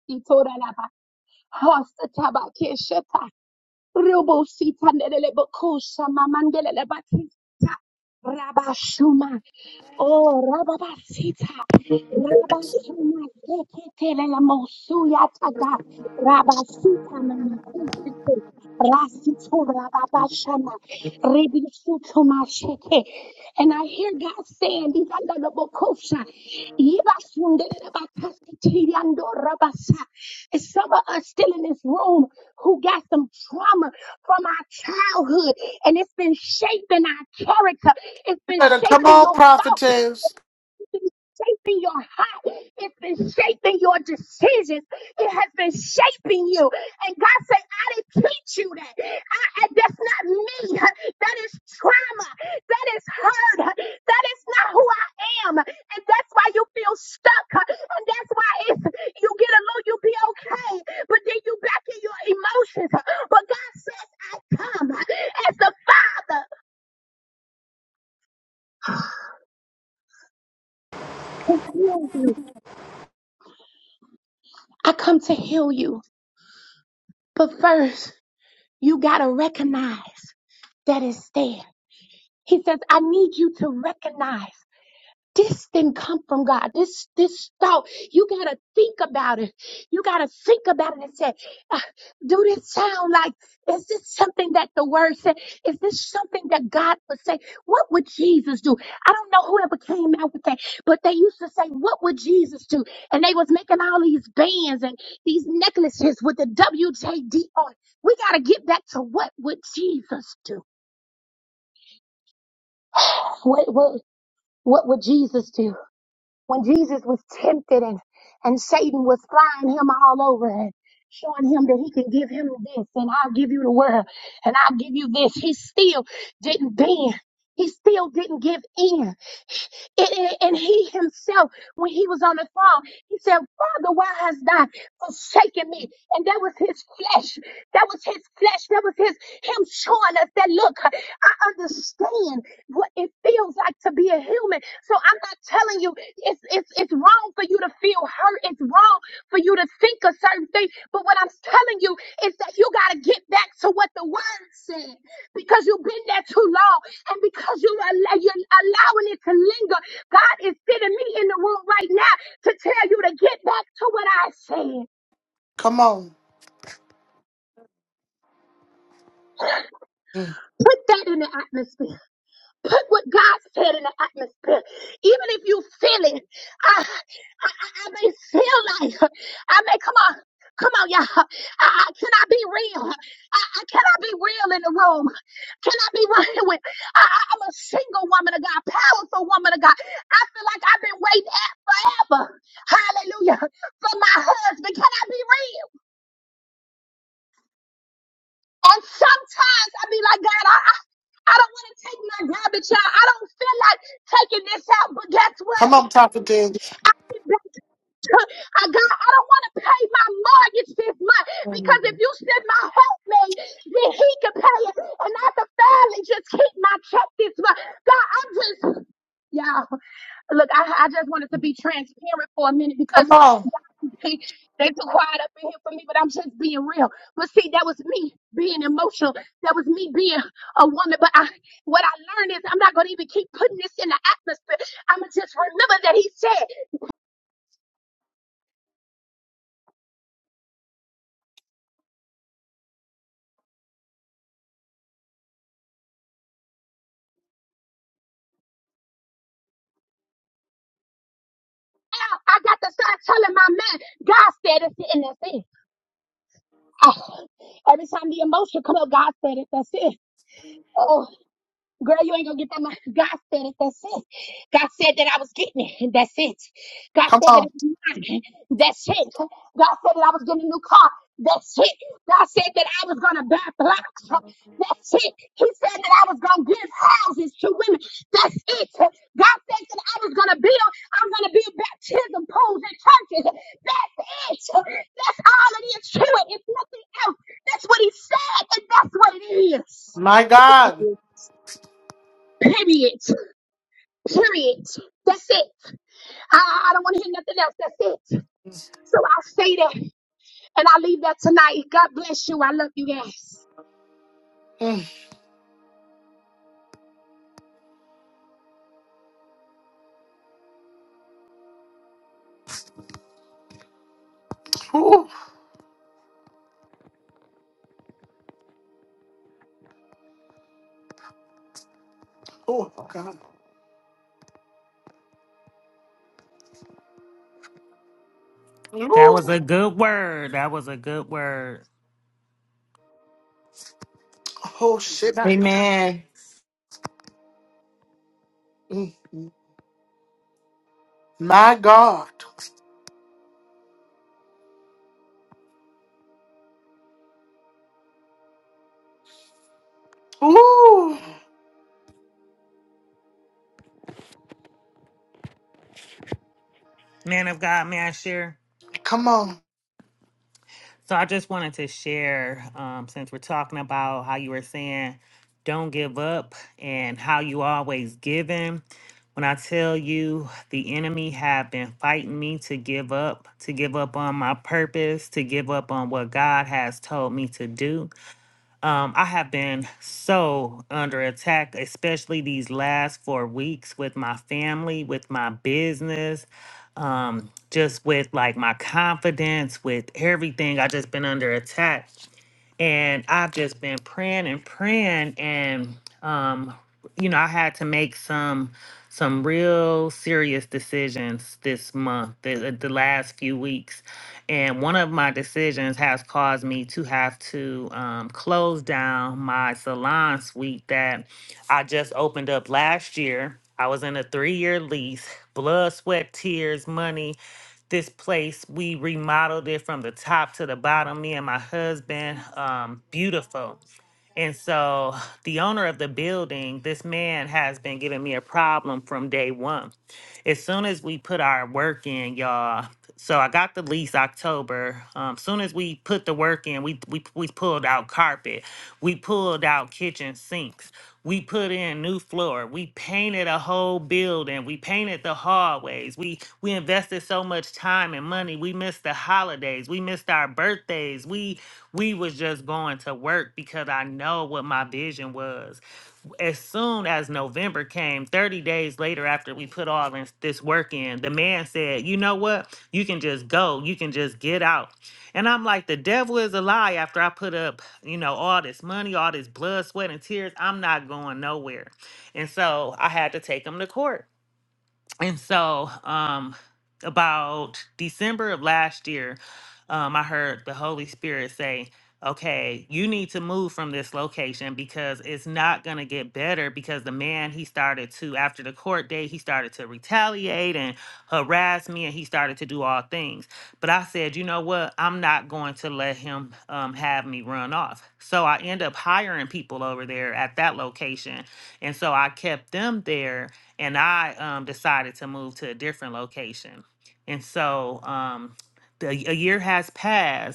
Speaker 5: Oh, Rababasita, Rabasuma, Zeketele, Mosuya, Taga, Rabasita, Namakusite, Rasitu, Rababashana, Ribisutu, Masheke. And I hear God saying, these are the Bokosha. Yibasundedebakasitiriandorabasa. And some of us still in this room who got some trauma from our childhood, and it's been shaping our character. It's been
Speaker 1: better come
Speaker 5: shaping
Speaker 1: on,
Speaker 5: your thought
Speaker 1: prophetess.
Speaker 5: been shaping your heart. It's been shaping your decisions. It has been shaping you. And God said, I didn't teach you that. I, I- that's not me. That is trauma. That is hurt. That is not who I am. And that's why you feel stuck. And that's why it's, you get a little, you be okay. But then you back in your emotions. But God says, I come as the Father to heal you. I come to heal you. But first, You got to recognize that it's there. He says, I need you to recognize this didn't come from God. This this thought, you gotta think about it. You gotta think about it and say, uh, do this sound like is this something that the word said? Is this something that God would say? What would Jesus do? I don't know whoever came out with that, but they used to say, What would Jesus do? And they was making all these bands and these necklaces with the WJD on. We gotta get back to what would Jesus do? What what what would Jesus do? when Jesus was tempted and, and Satan was flying him all over and showing him that he can give him this and I'll give you the world and I'll give you this. He still didn't bend. He still didn't give in. And, and and he himself, when he was on the throne, he said, Father, why hast thou forsaken me? And that was his flesh. That was his flesh. That was his him showing us that look, I understand what it feels like to be a human. So I'm not telling you it's it's it's wrong for you to feel hurt. It's wrong for you to think a certain thing. But what I'm telling you is that you gotta get back to what the word said because you've been there too long and because you are you're allowing it to linger God is sending me in the room right now to tell you to get back to what I said.
Speaker 1: Come on. Mm.
Speaker 5: Put that in the atmosphere. Put what God said in the atmosphere. Even if you feel it, I, I, I may feel like, I may, come on, come on, y'all. I, I, can I be real? I, I, can I be real in the room? Can I be real with, I, I, I'm a single woman of God, powerful woman of God. I feel like I've been waiting forever. Hallelujah. For my husband. Can I be real? And sometimes I be like, God, I, I, I don't want to take my garbage out. I don't feel like taking this out. But guess
Speaker 1: Come
Speaker 5: what?
Speaker 1: on, prophetess.
Speaker 5: I, God, I don't want to pay my mortgage this month because if you send my helpmate, then he can pay it. And I can finally just keep my check this month. God, I'm just, y'all, look, I, I just wanted to be transparent for a minute because
Speaker 1: Come on.
Speaker 5: See, they too quiet up in here for me, but I'm just being real. But see, that was me being emotional. That was me being a woman. But I, what I learned is I'm not going to even keep putting this in the atmosphere. I'm going to just remember that he said, now I got to start telling my man, God said it, and that's it. I- every time the emotion come up, God said it, that's it. Oh, Girl, you ain't gonna get that much. God said it. That's it. God said that I was getting it. That's it. God
Speaker 1: Come
Speaker 5: said that
Speaker 1: on.
Speaker 5: it was mine. That's it. God said that I was getting a new car. That's it. God said that I was gonna buy blocks. That's it. He said that I was gonna give houses to women. That's it. God said that I was gonna build. I'm gonna build baptism pools and churches. That's it. That's all it is to it. It's nothing else. That's what he said, and that's what it is.
Speaker 1: My God.
Speaker 5: Period. Period. That's it. I, I don't want to hear nothing else. That's it. So I'll say that and I'll leave that tonight. God bless you. I love you guys.
Speaker 1: Mm. Ooh. Oh, God.
Speaker 6: That was a
Speaker 1: Ooh.
Speaker 6: good word. That was a good word.
Speaker 1: Oh, shit.
Speaker 3: Amen.
Speaker 1: Mm. My God. Ooh.
Speaker 6: Man of God, may I share?
Speaker 1: Come on.
Speaker 6: So I just wanted to share, um, since we're talking about how you were saying don't give up and how you always giving. When I tell you the enemy have been fighting me to give up, to give up on my purpose, to give up on what God has told me to do. Um, I have been so under attack, especially these last four weeks with my family, with my business, um, just with like my confidence, with everything. I just been under attack and I've just been praying and praying and um you know I had to make some some real serious decisions this month the, the last few weeks and one of my decisions has caused me to have to um, close down my salon suite that I just opened up last year I was in a three year lease blood sweat tears money this place. We remodeled it from the top to the bottom, me and my husband. Um, beautiful. And so the owner of the building, this man has been giving me a problem from day one. As soon as we put our work in, y'all, so I got the lease October. Um, soon as we put the work in, we, we we pulled out carpet, we pulled out kitchen sinks, we put in new floor, we painted a whole building, we painted the hallways, we we invested so much time and money, we missed missed the holidays. We missed our birthdays. We we was just going to work because I know what my vision was. As soon as November came, 30 days later after we put all in, this work in, the man said, "You know what? You can just go. You can just get out." And I'm like, "The devil is a lie after I put up, you know, all this money, all this blood, sweat and tears, I'm not going nowhere." And so I had to take him to court. And so, um, about December of last year, um, I heard the Holy Spirit say, Okay, you need to move from this location because it's not going to get better. Because the man, he started to, after the court date, he started to retaliate and harass me and he started to do all things. But I said, You know what? I'm not going to let him um, have me run off. So I end up hiring people over there at that location. And so I kept them there and I um, decided to move to a different location. And so um, the, a year has passed,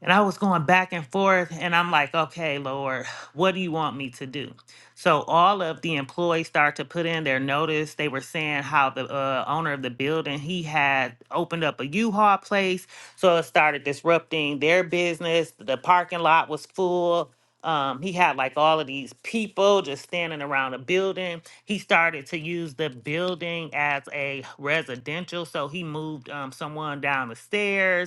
Speaker 6: and I was going back and forth, and I'm like, okay, Lord, what do you want me to do? So all of the employees start to put in their notice. They were saying how the uh, owner of the building he had opened up a U-Haul place, so it started disrupting their business. The parking lot was full. Um, he had like all of these people just standing around the building. He started to use the building as a residential, so he moved um, someone down the stairs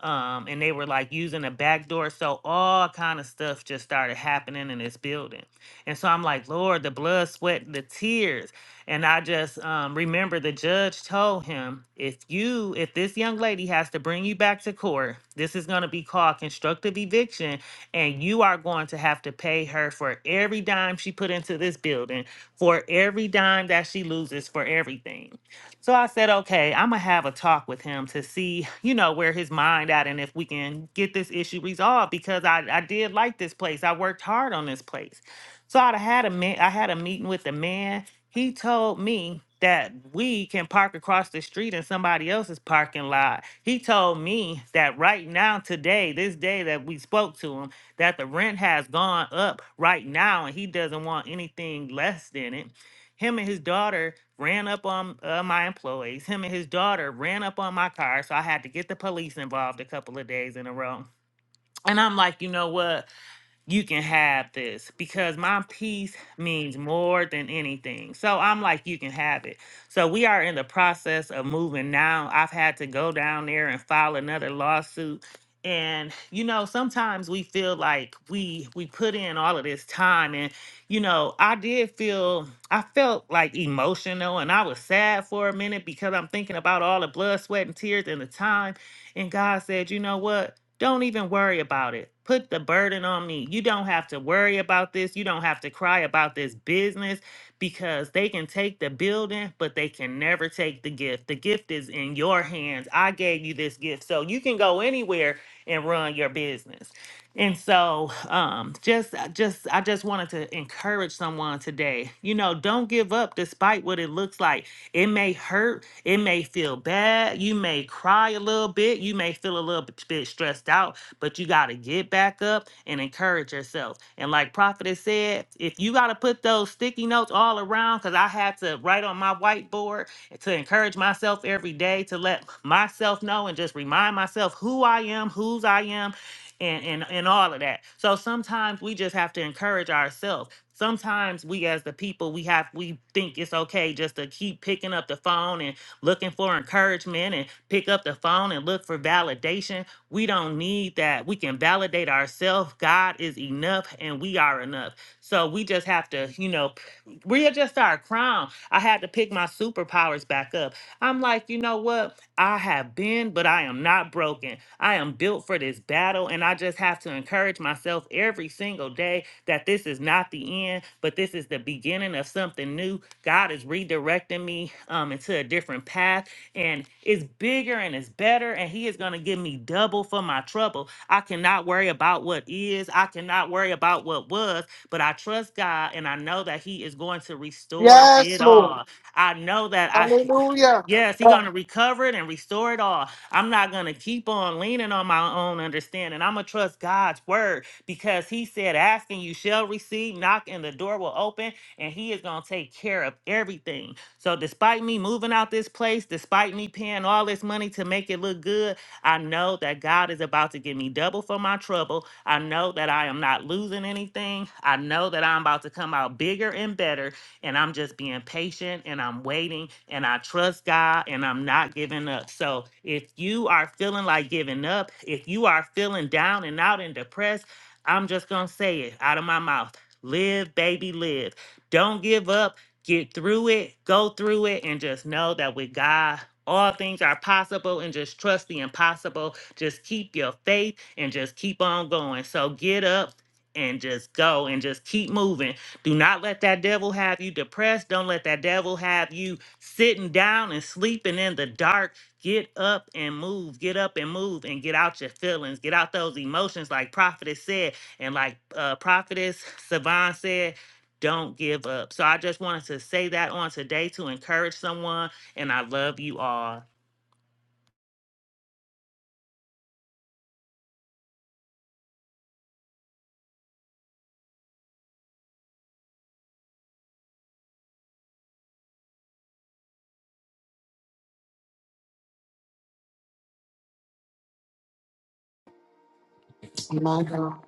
Speaker 6: um, and they were like using a back door. So all kind of stuff just started happening in this building. And so I'm like, Lord, the blood, sweat, and the tears. And I just um, remember the judge told him, if you, if this young lady has to bring you back to court, this is going to be called constructive eviction, and you are going to have to pay her for every dime she put into this building, for every dime that she loses, for everything. So I said, okay, I'm gonna have a talk with him to see, you know, where his mind at and if we can get this issue resolved because I, I did like this place. I worked hard on this place. So I had a man, I had a meeting with the man. He told me that we can park across the street in somebody else's parking lot. He told me that right now, today, this day that we spoke to him, that the rent has gone up right now and he doesn't want anything less than it. Him and his daughter ran up on uh, my employees. Him and his daughter ran up on my car, so I had to get the police involved a couple of days in a row. And I'm like, you know what? you can have this because my peace means more than anything. So I'm like, you can have it. So we are in the process of moving now. I've had to go down there and file another lawsuit. And you know, sometimes we feel like we we put in all of this time and you know, I did feel I felt like emotional and I was sad for a minute because I'm thinking about all the blood, sweat and tears and the time and God said, "You know what? Don't even worry about it. Put the burden on me. You don't have to worry about this. You don't have to cry about this business because they can take the building, but they can never take the gift. The gift is in your hands. I gave you this gift. So you can go anywhere and run your business. And so, um, just, just, I just wanted to encourage someone today. You know, don't give up despite what it looks like. It may hurt. It may feel bad. You may cry a little bit. You may feel a little bit bit stressed out, but you got to get back up and encourage yourself. And like Prophet has said, if you got to put those sticky notes all around, because I had to write on my whiteboard to encourage myself every day to let myself know and just remind myself who I am, whose I am, and and, and all of that. So sometimes we just have to encourage ourselves sometimes we as the people we have we think it's okay just to keep picking up the phone and looking for encouragement and pick up the phone and look for validation we don't need that we can validate ourselves god is enough and we are enough so we just have to you know p- readjust our crown i had to pick my superpowers back up i'm like you know what i have been but i am not broken i am built for this battle and i just have to encourage myself every single day that this is not the end, but this is the beginning of something new. God is redirecting me um, into a different path, and it's bigger and it's better, and He is going to give me double for my trouble. I cannot worry about what is, I cannot worry about what was, but I trust God, and I know that He is going to restore
Speaker 1: Yes,
Speaker 6: it
Speaker 1: Lord.
Speaker 6: all. I know that I.
Speaker 1: Hallelujah.
Speaker 6: Yes, he's
Speaker 1: Yes.
Speaker 6: gonna recover it and restore it all. I'm not gonna keep on leaning on my own understanding. I'm gonna trust God's word because He said, "Ask and you shall receive; knock and the door will open." And He is gonna take care of everything. So, despite me moving out this place, despite me paying all this money to make it look good, I know that God is about to give me double for my trouble. I know that I am not losing anything. I know that I'm about to come out bigger and better and I'm just being patient and I'm waiting and I trust God and I'm not giving up. So if you are feeling like giving up, if you are feeling down and out and depressed, I'm just going to say it out of my mouth. Live, baby, live. Don't give up. Get through it, go through it, and just know that with God, all things are possible and just trust the impossible. Just keep your faith and just keep on going. So get up and just go and just keep moving do not let that devil have you depressed. Don't let that devil have you sitting down and sleeping in the dark. Get up and move. Get up and move and get out your feelings. Get out those emotions, like Prophetess said. And like uh, Prophetess Savon said, don't give up. So I just wanted to say that on today to encourage someone. And I love you all.
Speaker 1: My God.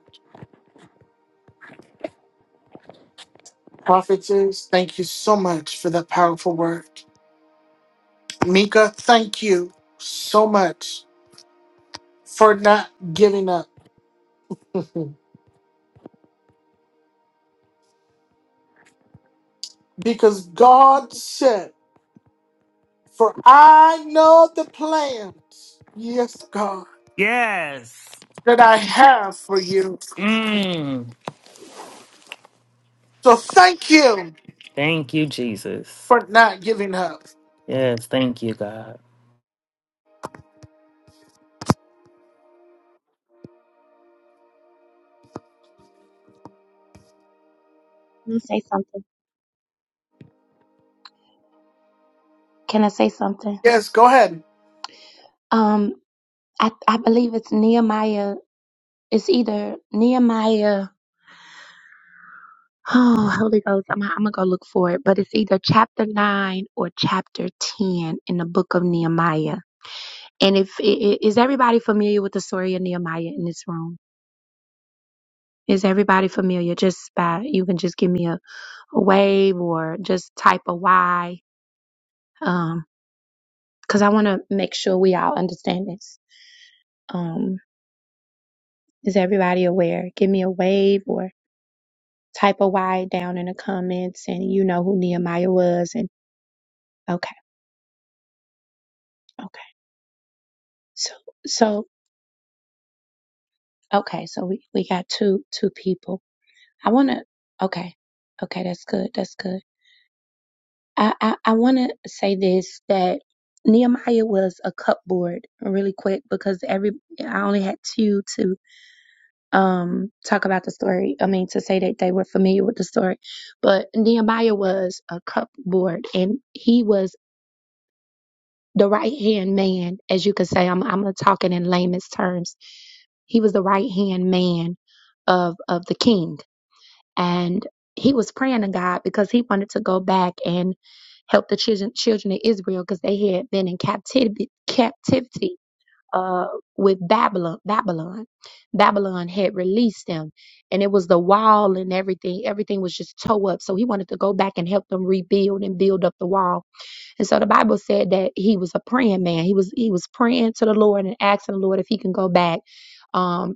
Speaker 1: Prophetess, thank you so much for that powerful word. Mika, thank you so much. for not giving up. Because God said, For I know the plans, yes, God,
Speaker 6: Yes.
Speaker 1: that I have for you.
Speaker 6: Mm.
Speaker 1: So thank you
Speaker 6: Thank you, Jesus.
Speaker 1: for not giving up.
Speaker 6: Yes. Thank you, God.
Speaker 5: Let me say something. Can I say something?
Speaker 1: Yes, go ahead.
Speaker 5: Um, I I believe it's Nehemiah. It's either Nehemiah. Oh, Holy Ghost, I'm, I'm gonna go look for it. But it's either chapter nine or chapter ten in the book of Nehemiah. And if i- i- is everybody familiar with the story of Nehemiah in this room? Is everybody familiar? Just by you can just give me a, a wave or just type a Y, um, because I want to make sure we all understand this. Um, is everybody aware? Give me a wave or type a Y down in the comments, and you know who Nehemiah was. And okay, okay, so so okay, so we we got two two people. I want to okay, okay, that's good, that's good. I, I, I want to say this that Nehemiah was a cupboard really quick because every I only had two to um talk about the story. I mean to say that they were familiar with the story, but Nehemiah was a cupboard and he was the right hand man, as you could say. I'm I'm talking in layman's terms. He was the right hand man of of the king and he was praying to God because he wanted to go back and help the children children of Israel because they had been in captivity captivity uh with Babylon Babylon Babylon had released them and it was the wall and everything everything was just tore up so he wanted to go back and help them rebuild and build up the wall and so the Bible said that he was a praying man he was he was praying to the Lord and asking the Lord if he can go back Um,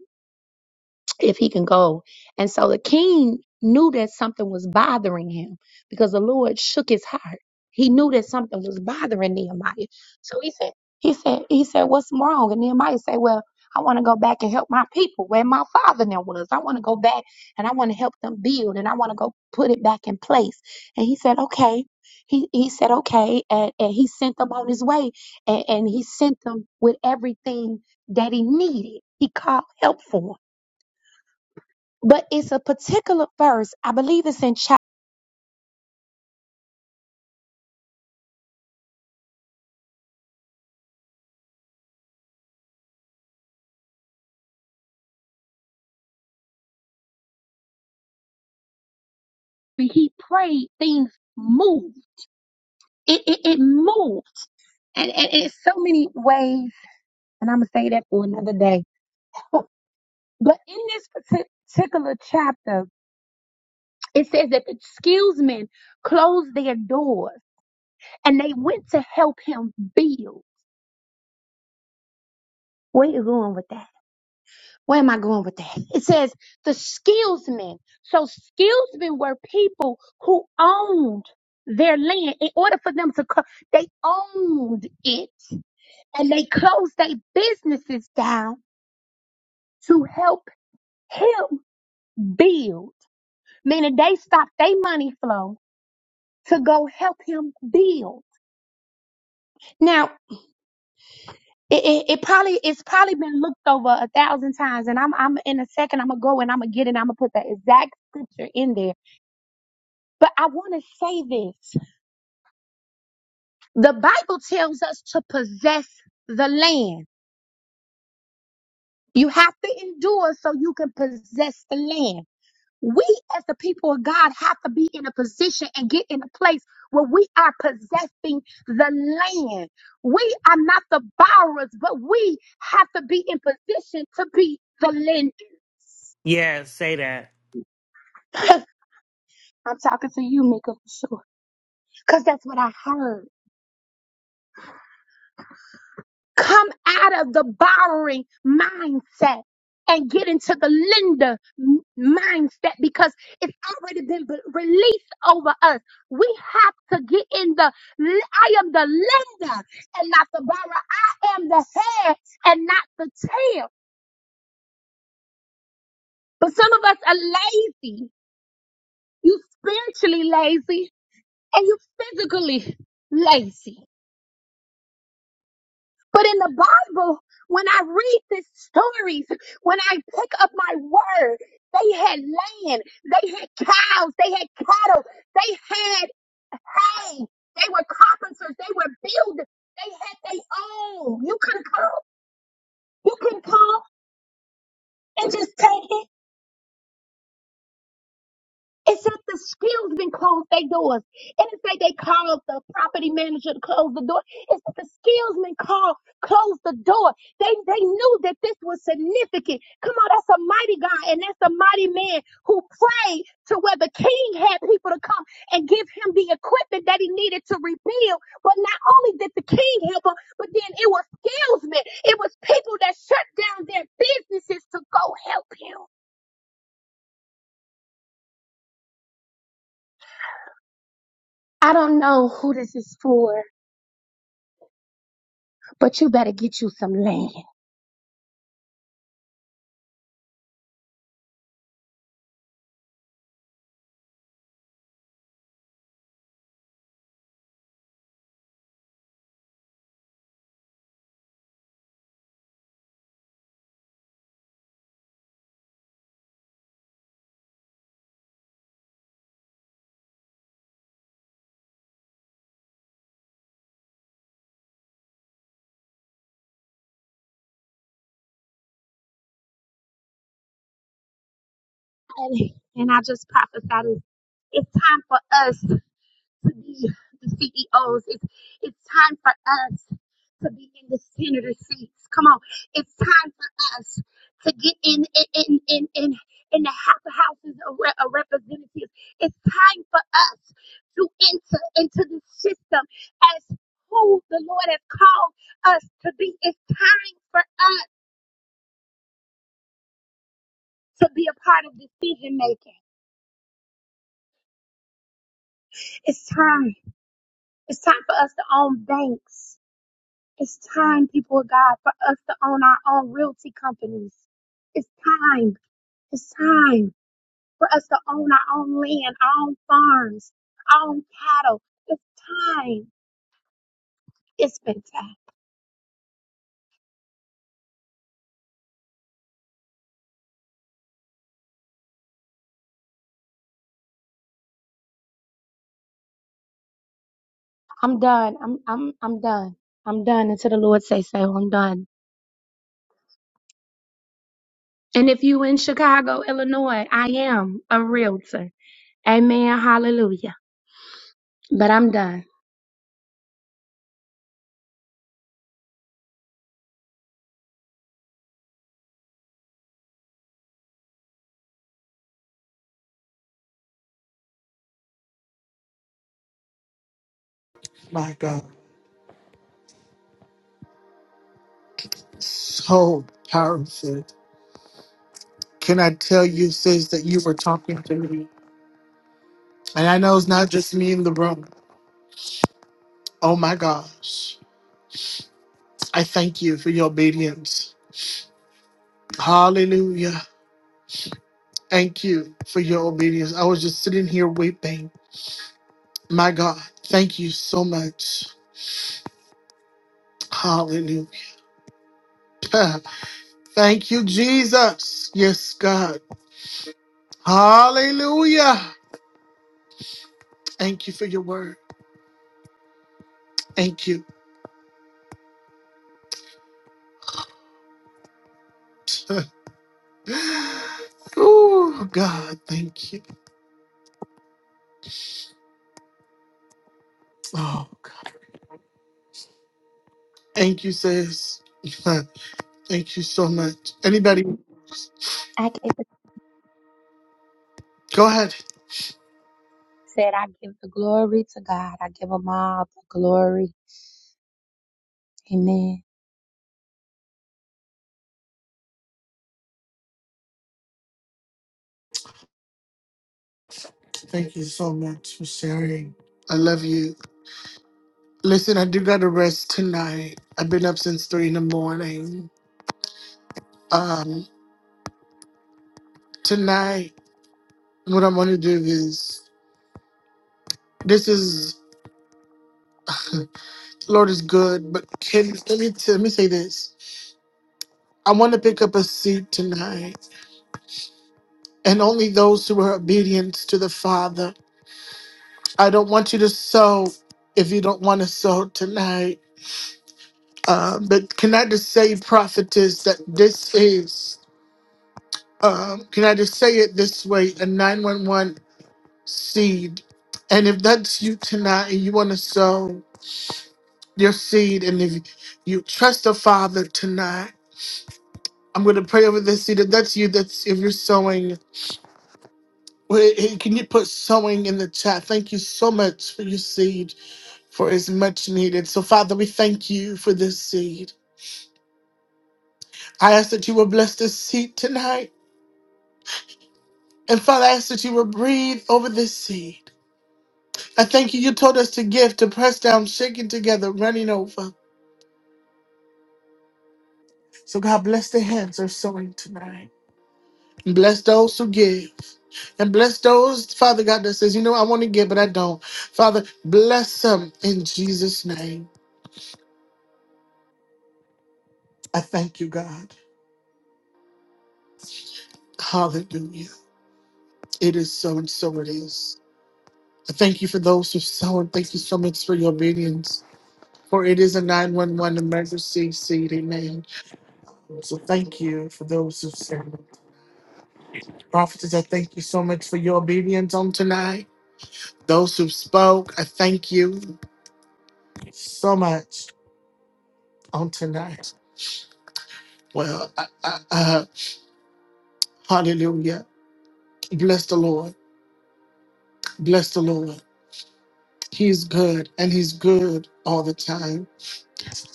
Speaker 5: if he can go. And so the king knew that something was bothering him because the Lord shook his heart. He knew that something was bothering Nehemiah. So he said, he said, he said, what's wrong? And Nehemiah said, well, I want to go back and help my people where my father now was. I want to go back and I want to help them build and I want to go put it back in place. And he said, okay. He, he said, okay. And, and he sent them on his way and, and he sent them with everything that he needed. He called help for 'em. But it's a particular verse, I believe it's in chapter. He prayed, things moved. It, it, it moved. And, and it's so many ways, and I'm going to say that for another day. But in this parti- particular chapter, it says that the skillsmen closed their doors and they went to help him build. Where you going with that? Where am I going with that? It says the skillsmen. So skillsmen were people who owned their land in order for them to, co- they owned it and they closed their businesses down to help him build. Meaning they stopped their money flow to go help him build. Now, it, it, it probably it's probably been looked over a thousand times, and I'm I'm in a second I'm gonna go and I'm gonna get it. I'm gonna put that exact scripture in there But I want to say this. The Bible tells us to possess the land. You have to endure so you can possess the land. We as the people of God have to be in a position and get in a place where we are possessing the land. We are not the borrowers, but we have to be in position to be the lender.
Speaker 6: Yes. Say that.
Speaker 5: I'm talking to you, Mika, for sure. Because that's what I heard. Come out of the borrowing mindset and get into the lender m- mindset because it's already been b- released over us. We have to get in the, l- I am the lender and not the borrower. I am the head and not the tail. But some of us are lazy. You spiritually lazy and you physically lazy. But in the Bible, when I read these stories, when I pick up my word, they had land, they had cows, they had cattle, they had hay, they were carpenters, they were builders, they had their own. You couldn't come, you couldn't come and just take it. It's that the skills been closed their doors. And it's like they called the property manager to close the door. It's that the skills been called, closed the door. They they knew that this was significant. Come on, that's a mighty God and that's a mighty man who prayed to where the king had people to come and give him the equipment that he needed to rebuild. But not only did the king help him, but then it was salesmen. It was people that shut down their businesses to go help him. I don't know who this is for But you better get you some land. And, and I just prophesied it's, it's time for us to be the CEOs. It's, it's time for us to be in the senator seats. Come on. It's time for us to get in in in in, in, in the House of Houses of, Re- of Representatives. It's time for us to enter into the system as who the Lord has called us to be. It's time for us to be a part of decision making. It's time. It's time for us to own banks. It's time, people of God, for us to own our own realty companies. It's time. It's time for us to own our own land, our own farms, our own cattle. It's time. It's been time. I'm done. I'm I'm I'm done. I'm done until the Lord say so. I'm done. And if you in Chicago, Illinois, I am a realtor. Amen. Hallelujah. But I'm done.
Speaker 1: My God, so powerful. Can I tell you, sis, that you were talking to me? And I know it's not just me in the room. Oh my gosh. I thank you for your obedience. Hallelujah. Thank you for your obedience. I was just sitting here weeping. My God, thank you so much. Hallelujah. Thank you, Jesus. Yes, God. Hallelujah. Thank you for your word. Thank you. oh, God. Thank you. Oh, God. Thank you, sis. thank you so much. Anybody, go ahead. Thank you so much for sharing. I love you. Listen, I do gotta rest tonight. I've been up since three in the morning. Um, tonight, what I'm gonna do is this is Lord is good, but can let me let me say this. I want to pick up a seat tonight, and only those who are obedient to the Father. I don't want you to sow if you don't want to sow tonight. Uh, but can I just say, prophetess, that this is. Um, can I just say it this way? A 911 seed. And if that's you tonight and you want to sow your seed, and if you trust the Father tonight, I'm going to pray over this seed. If that's you, that's if you're sowing, well, eh, can you put sowing in the chat? Thank you so much for your seed, for it's much needed. So, Father, we thank you for this seed. I ask that you will bless this seed tonight. And Father, I ask that you will breathe over this seed. I thank you. You told us to give, to press down, shaking together, running over. So God bless the hands that are sowing tonight. Bless those who give. And bless those, Father God, that says, you know, I want to give, but I don't. Father, bless them in Jesus' name. I thank you, God. Hallelujah. It is so and so it is. I thank you for those who sow and thank you so much for your obedience. For it is a 911 emergency seed. Amen. So thank you for those who sow. Prophets, I thank you so much for your obedience on tonight. Those who spoke, I thank you. so much on tonight. Well, I, I, uh, hallelujah. Bless the Lord. Bless the Lord. He's good and he's good all the time.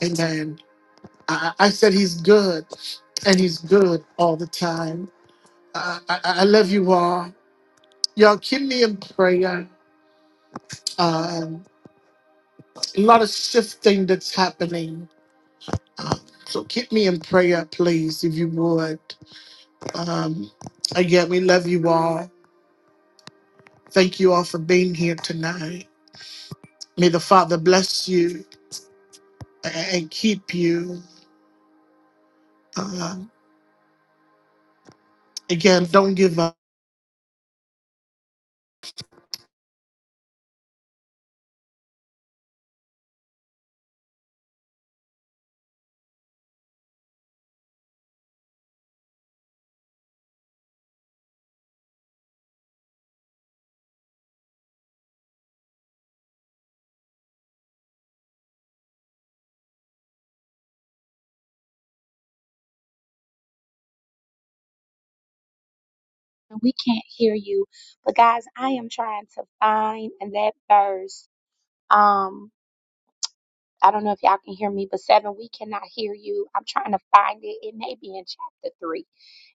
Speaker 1: Amen. I, I said he's good and he's good all the time. I, I, I love you all. Y'all keep me in prayer. Um, a lot of shifting that's happening. Um, so keep me in prayer, please, if you would. Um, again, we love you all. Thank you all for being here tonight. May the Father bless you and keep you. Uh, again, don't give up.
Speaker 5: we can't hear you. But guys, I am trying to find and that verse. Um, I don't know if y'all can hear me, but seven, we cannot hear you. I'm trying to find maybe in chapter three.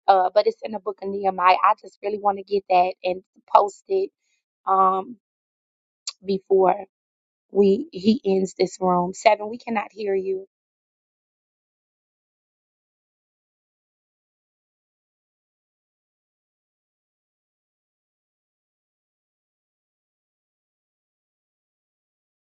Speaker 5: Uh, but it's in the book of Nehemiah. I just really want to get that and post it um before we he ends this room. Seven, we cannot hear you.